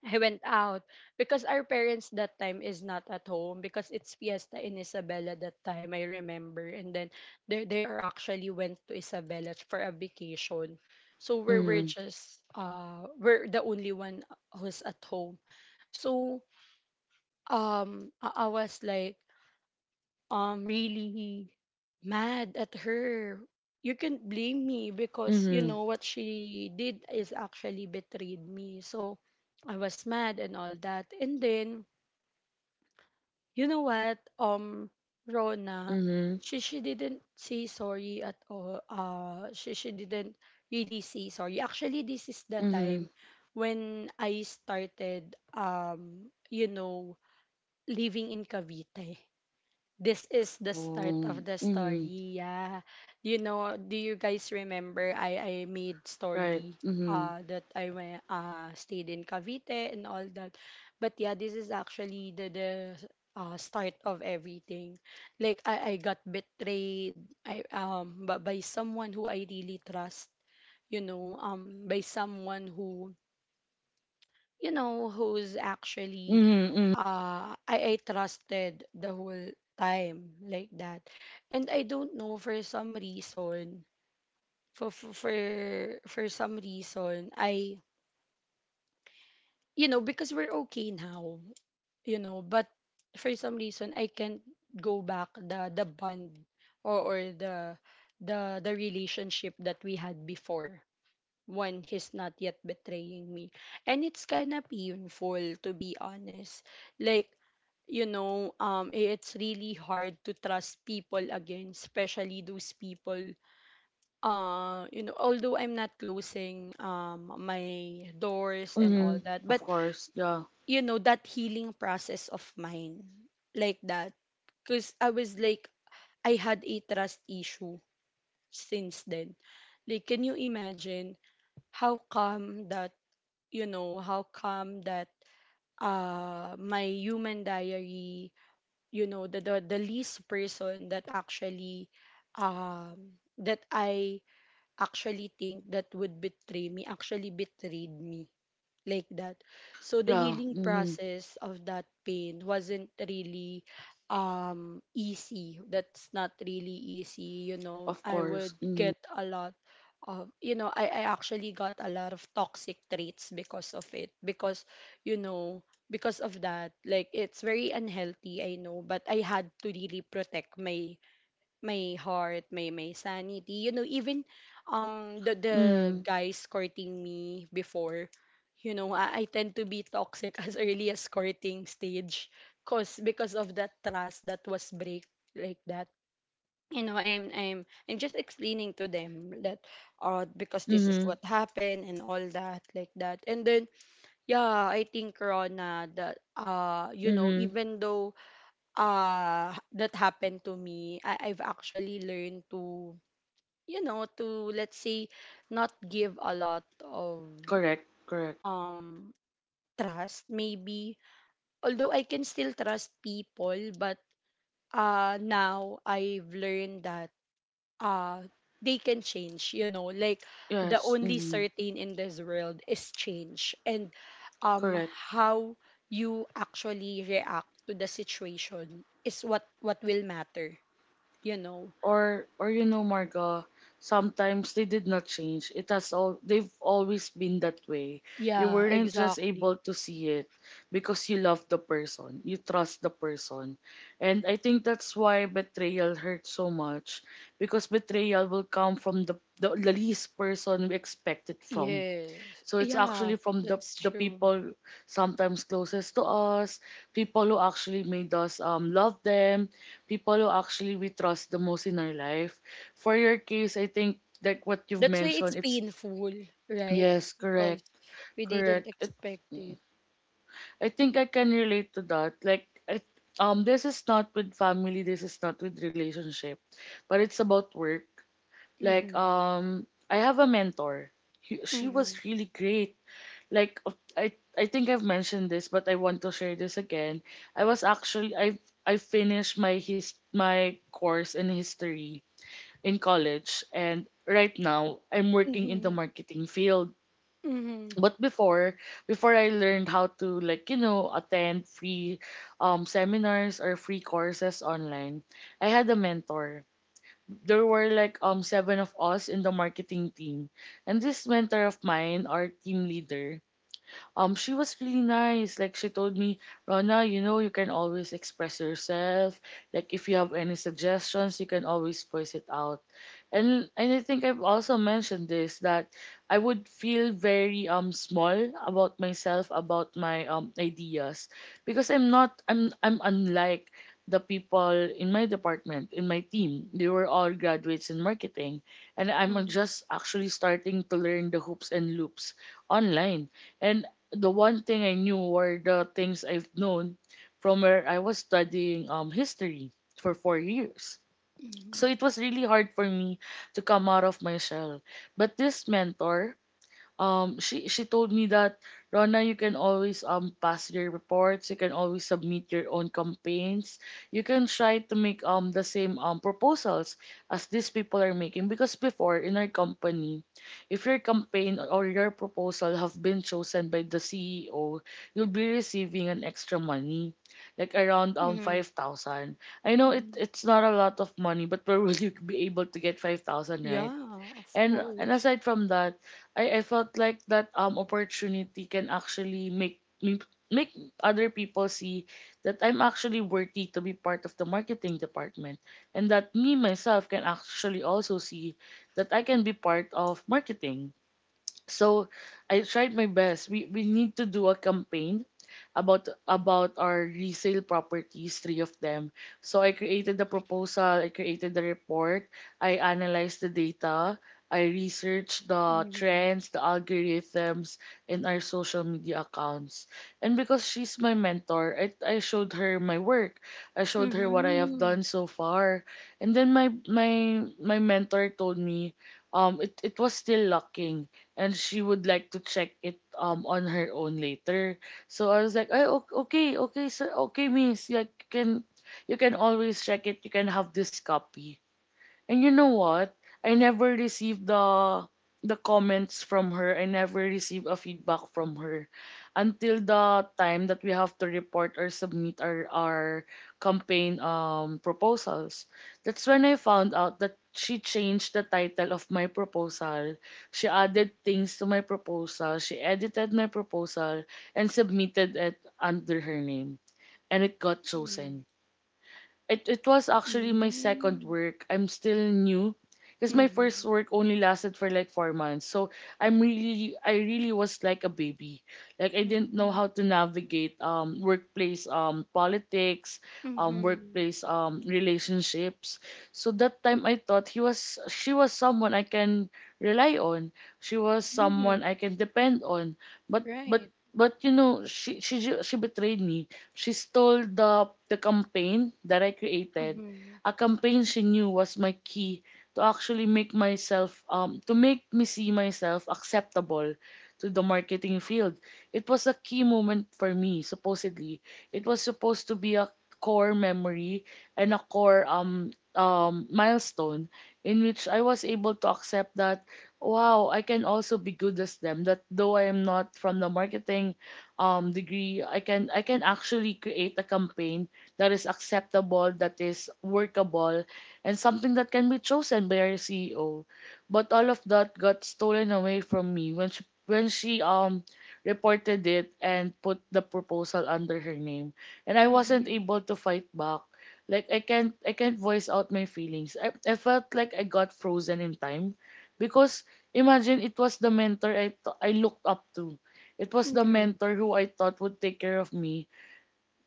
[SPEAKER 1] I went out because our parents that time is not at home because it's fiesta in Isabela that time I remember. And then they are actually went to Isabela for a vacation. So we're
[SPEAKER 2] Mhm.
[SPEAKER 1] just we're the only one who's at home. So I was like really mad at her. You can't blame me because you
[SPEAKER 2] Mhm.
[SPEAKER 1] know what she did is actually betrayed me. So I was mad and all that. And then you know what, Rona,
[SPEAKER 2] Mhm.
[SPEAKER 1] she didn't say sorry at all. She didn't really say sorry. Actually this is the
[SPEAKER 2] Mhm.
[SPEAKER 1] time when I started, you know, living in Cavite. This is the start of
[SPEAKER 2] Oh.
[SPEAKER 1] the
[SPEAKER 2] Mhm.
[SPEAKER 1] story. Yeah. You know, do you guys remember I made
[SPEAKER 2] Right.
[SPEAKER 1] story
[SPEAKER 2] Mhm.
[SPEAKER 1] that I went stayed in Cavite and all that. But yeah, this is actually the start of everything. Like I got betrayed, I but by someone who I really trust, you know, by someone who, you know, who's actually
[SPEAKER 2] Mhm. Mhm.
[SPEAKER 1] I trusted the whole time, like that. And I don't know for some reason, for for for, for some reason, I you know, because we're okay now, you know, but for some reason I can't go back the bond or the the relationship that we had before, when he's not yet betraying me. And it's kind of painful, to be honest. Like, you know, it's really hard to trust people again, especially those people. You know, although I'm not closing my doors and all
[SPEAKER 2] Mhm.
[SPEAKER 1] that,
[SPEAKER 2] Of
[SPEAKER 1] but
[SPEAKER 2] course. Yeah.
[SPEAKER 1] you know, that healing process of mine, like that, because I was like, I had a trust issue since then. Like, can you imagine how come that, you know, how come that, my human diary, you know, the least person that actually that I actually think that would betray me actually betrayed me, like that. So the
[SPEAKER 2] Yeah.
[SPEAKER 1] healing
[SPEAKER 2] Mhm.
[SPEAKER 1] process of that pain wasn't really easy. That's not really easy, you know.
[SPEAKER 2] Of
[SPEAKER 1] I
[SPEAKER 2] course.
[SPEAKER 1] would
[SPEAKER 2] Mhm.
[SPEAKER 1] get a lot of, you know, I actually got a lot of toxic traits because of it. Because, you know, because of that, like it's very unhealthy, I know, but I had to really protect my my heart, my sanity. You know, even the
[SPEAKER 2] Mhm.
[SPEAKER 1] guys courting me before, you know, I tend to be toxic [laughs] as early as courting stage, cause because of that trust that was break, like that. You know, I'm just explaining to them that because this is what
[SPEAKER 2] Mhm.
[SPEAKER 1] happened and all that, like that. And then yeah, I think Rona that you know,
[SPEAKER 2] Mhm.
[SPEAKER 1] even though that happened to me, I've actually learned to, you know, to, let's say, not give a lot of
[SPEAKER 2] Correct. Correct.
[SPEAKER 1] um trust maybe, although I can still trust people, but now I've learned that uh they can change, you know. Like the
[SPEAKER 2] Yes.
[SPEAKER 1] only
[SPEAKER 2] Mhm.
[SPEAKER 1] certain in this world is change. And um
[SPEAKER 2] Correct.
[SPEAKER 1] how you actually react to the situation is what will matter, you know.
[SPEAKER 2] Or or you know, Marga, sometimes they did not change. It has all, they've always been that way. You
[SPEAKER 1] Yeah,
[SPEAKER 2] weren't just
[SPEAKER 1] exactly.
[SPEAKER 2] able to see it because you love the person, you trust the person. And I think that's why betrayal hurts so much, because betrayal will come from the least person we expect it from.
[SPEAKER 1] Yes.
[SPEAKER 2] So it's
[SPEAKER 1] Yeah,
[SPEAKER 2] actually from the
[SPEAKER 1] that's
[SPEAKER 2] the
[SPEAKER 1] true.
[SPEAKER 2] people sometimes closest to us, people who actually made us love them, people who actually we trust the most in our life. For your case, I think like what you've
[SPEAKER 1] That's why it's
[SPEAKER 2] mentioned, it's
[SPEAKER 1] painful, right?
[SPEAKER 2] yes,
[SPEAKER 1] Because
[SPEAKER 2] correct,
[SPEAKER 1] we didn't
[SPEAKER 2] correct. It,
[SPEAKER 1] expect it.
[SPEAKER 2] I think I can relate to that. Like it, this is not with family, this is not with relationship, but it's about work. Like,
[SPEAKER 1] Mm-hmm.
[SPEAKER 2] I have a mentor. She
[SPEAKER 1] Mm-hmm.
[SPEAKER 2] was really great. Like, I think I've mentioned this, but I want to share this again. I was actually I finished my his my course in history in college, and right now I'm working in the
[SPEAKER 1] Mm-hmm.
[SPEAKER 2] marketing field.
[SPEAKER 1] Mm-hmm.
[SPEAKER 2] But before I learned how to, like, you know, attend free seminars or free courses online, I had a mentor. There were like seven of us in the marketing team. And this mentor of mine, our team leader, she was really nice. Like, she told me, Rona, you know you can always express yourself, like if you have any suggestions you can always voice it out. And I think I've also mentioned this, that I would feel very small about myself, about my ideas, because I'm not I'm I'm unlike the people in my department, in my team. They were all graduates in marketing, and I'm
[SPEAKER 1] Mm-hmm.
[SPEAKER 2] just actually starting to learn the hoops and loops online. And the one thing I knew were the things I've known from where I was studying history for 4 years. So
[SPEAKER 1] Mm-hmm.
[SPEAKER 2] it was really hard for me to come out of my shell. But this mentor, she told me that, Rona, you can always pass your reports, you can always submit your own campaigns, you can try to make the same proposals as these people are making. Because before, in our company, if your campaign or your proposal have been chosen by the CEO, you'll be receiving an extra money, like around
[SPEAKER 1] Mm-hmm.
[SPEAKER 2] 5,000. I know it,
[SPEAKER 1] Mm-hmm.
[SPEAKER 2] it's not a lot of money, but where will you [laughs] be able to get 5,000, right?
[SPEAKER 1] Yeah, of
[SPEAKER 2] And
[SPEAKER 1] course.
[SPEAKER 2] aside from that, I felt like that opportunity can actually make me make other people see that I'm actually worthy to be part of the marketing department, and that me myself can actually also see that I can be part of marketing. So I tried my best. We need to do a campaign about our resale properties, three of them. So I created the proposal, I created the report, I analyzed the data, I researched the
[SPEAKER 1] Mm-hmm.
[SPEAKER 2] trends, the algorithms, and our social media accounts. And because she's my mentor, I showed her my work. I showed her what I have
[SPEAKER 1] Mm-hmm.
[SPEAKER 2] done so far. And then my mentor told me, it was still lacking, and she would like to check it on her own later. So I was like, "Ay, okay, okay, sir, okay, miss. Like, you can always check it. You can have this copy." And you know what? I never received the comments from her. I never received a feedback from her until the time that we have to report or submit our campaign proposals. That's when I found out that she changed the title of my proposal. She added things to my proposal. She edited my proposal and submitted it under her name, and it got
[SPEAKER 1] Mm-hmm.
[SPEAKER 2] chosen. It was actually my second
[SPEAKER 1] Mm-hmm.
[SPEAKER 2] work. I'm still new because my first
[SPEAKER 1] Mm-hmm.
[SPEAKER 2] work only lasted for like 4 months. So I'm really, I really was like a baby. Like, I didn't know
[SPEAKER 1] Mm-hmm.
[SPEAKER 2] how to navigate workplace politics,
[SPEAKER 1] Mm-hmm.
[SPEAKER 2] workplace relationships. So that time I thought she was someone I can rely on. She was someone I
[SPEAKER 1] Mm-hmm.
[SPEAKER 2] can depend on. But but
[SPEAKER 1] Right.
[SPEAKER 2] but you know, she betrayed me. She stole the campaign that I created,
[SPEAKER 1] Mm-hmm.
[SPEAKER 2] a campaign she knew was my key to actually make myself, to make me see myself acceptable to the marketing field. It was a key moment for me, supposedly. It was supposed to be a core memory and a core milestone in which I was able to accept that, wow, I can also be good as them. That though I am not from the marketing degree, I can actually create a campaign that is acceptable, that is workable, and something that can be chosen by our CEO. But all of that got stolen away from me when she reported it and put the proposal under her name, and I wasn't
[SPEAKER 1] Mm-hmm.
[SPEAKER 2] able to fight back. Like, I can't voice out my feelings. I felt like I got frozen in time, because imagine, it was the mentor I looked up to. It was the
[SPEAKER 1] Mm-hmm.
[SPEAKER 2] mentor who I thought would take care of me.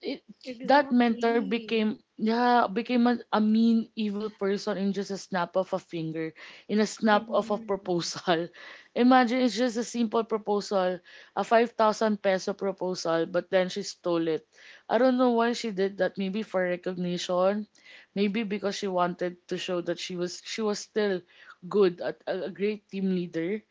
[SPEAKER 2] It, that mentor
[SPEAKER 1] Exactly.
[SPEAKER 2] became yeah became a mean evil person in just a snap of a finger, in a snap of a
[SPEAKER 1] Mm-hmm.
[SPEAKER 2] proposal. [laughs] Imagine, it's just a simple proposal, a 5,000 peso proposal, but then she stole it. I don't know why she did that. Maybe for recognition, maybe because she wanted to show that she was still good at a great team leader.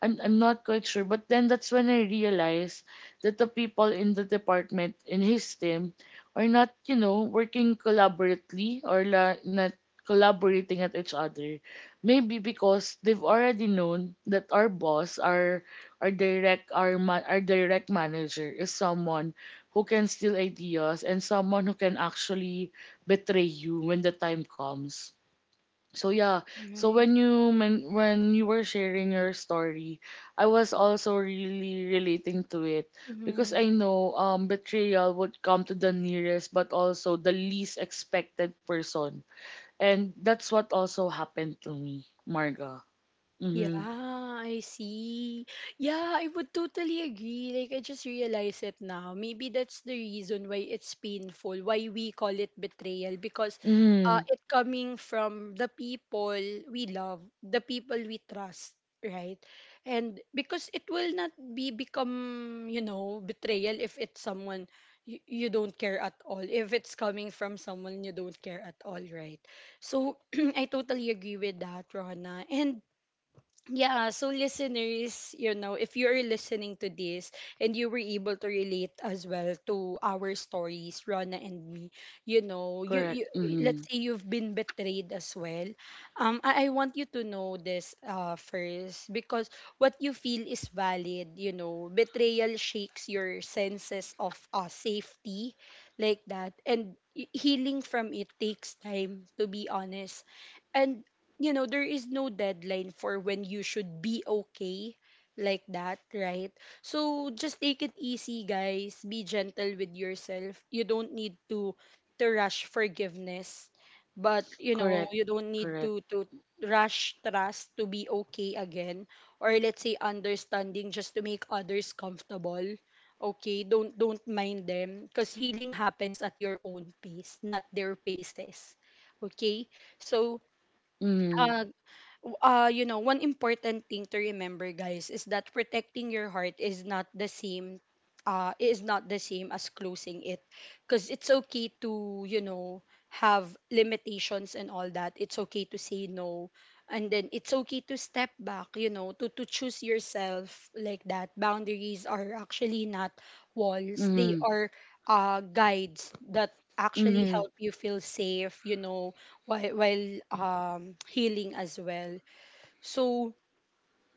[SPEAKER 2] I'm not quite sure. But then that's when I realized that the people in the department in his team are not, you know, working collaboratively, not collaborating at each other. Maybe because they've already known that our our direct manager is someone who can steal ideas and someone who can actually betray you when the time comes. So yeah, so when
[SPEAKER 1] Right.
[SPEAKER 2] when you were sharing your story, I was also really relating to it, because I
[SPEAKER 1] Mm-hmm.
[SPEAKER 2] know betrayal would come to the nearest but also the least expected person, and that's what also happened to me, Marga.
[SPEAKER 1] Yeah,
[SPEAKER 2] Mhm.
[SPEAKER 1] I see. Yeah, I would totally agree. Like, I just realize it now. Maybe that's the reason why it's painful, why we call it betrayal, because
[SPEAKER 2] Mhm.
[SPEAKER 1] it coming from the people we love, the people we trust, right? And because it will not be become, you know, betrayal if it's someone you don't care at all, if it's coming from someone you don't care at all, right? So, [clears throat] I totally agree with that, Rona. And yeah, so listeners, you know, if you're listening to this and you were able to relate as well to our stories, Rana and me, you know,
[SPEAKER 2] Correct.
[SPEAKER 1] you, let's
[SPEAKER 2] Mhm.
[SPEAKER 1] say, you've been betrayed as well. I want you to know this first because what you feel is valid, you know. Betrayal shakes your senses of safety, like that. And healing from it takes time, to be honest. And you know there is no deadline for when you should be okay, like that, right? So just take it easy, guys. Be gentle with yourself. You don't need to rush forgiveness. But you know,
[SPEAKER 2] Correct.
[SPEAKER 1] you don't need
[SPEAKER 2] Correct.
[SPEAKER 1] to rush trust to be okay again, or let's say understanding just to make others comfortable. Okay? Don't mind them, because healing happens at your own pace, not their paces. Okay? So
[SPEAKER 2] Mhm.
[SPEAKER 1] uh you know, one important thing to remember, guys, is that protecting your heart is not the same, is not the same as closing it. Because it's okay to, you know, have limitations and all that. It's okay to say no, and then it's okay to step back, you know, to choose yourself, like that. Boundaries are actually not walls, they
[SPEAKER 2] Mhm.
[SPEAKER 1] are guides that actually
[SPEAKER 2] Mhm.
[SPEAKER 1] help you feel safe, you know, while healing as well. So,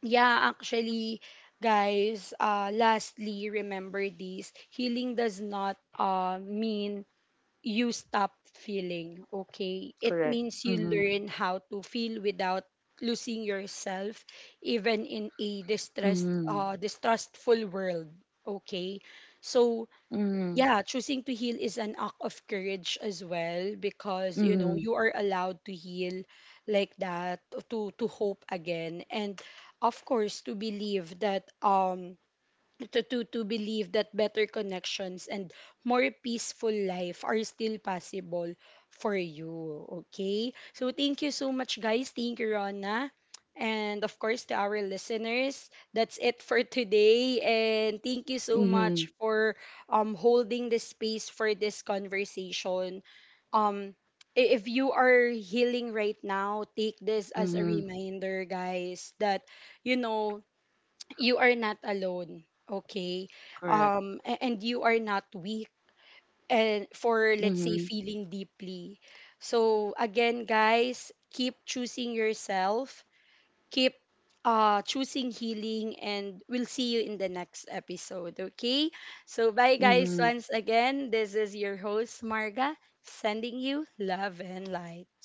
[SPEAKER 1] yeah, actually, guys, lastly, remember this, healing does not mean you stop feeling, okay? It
[SPEAKER 2] Correct.
[SPEAKER 1] means you
[SPEAKER 2] Mhm.
[SPEAKER 1] learn how to feel without losing yourself, even in a distress,
[SPEAKER 2] Mhm.
[SPEAKER 1] distrustful world, okay? So,
[SPEAKER 2] Mhm.
[SPEAKER 1] yeah, choosing to heal is an act of courage as well, because you know
[SPEAKER 2] Mhm.
[SPEAKER 1] you are allowed to heal, like that, to hope again, and of course to believe that, to believe that better connections and more peaceful life are still possible for you. Okay? So thank you so much, guys. Thank you, Rona. And of course, to our listeners, that's it for today. And thank you so
[SPEAKER 2] Mhm.
[SPEAKER 1] much for, holding the space for this conversation. Um, if you are healing right now, take this as a
[SPEAKER 2] Mhm.
[SPEAKER 1] reminder, guys, that you know, you are not alone. Okay?
[SPEAKER 2] Correct.
[SPEAKER 1] And you are not weak, and for let's say
[SPEAKER 2] Mhm.
[SPEAKER 1] feeling deeply. So again, guys, keep choosing yourself, keep choosing healing, and we'll see you in the next episode. Okay? So bye guys,
[SPEAKER 2] Mhm.
[SPEAKER 1] once again, this is your host Marga, sending you love and light.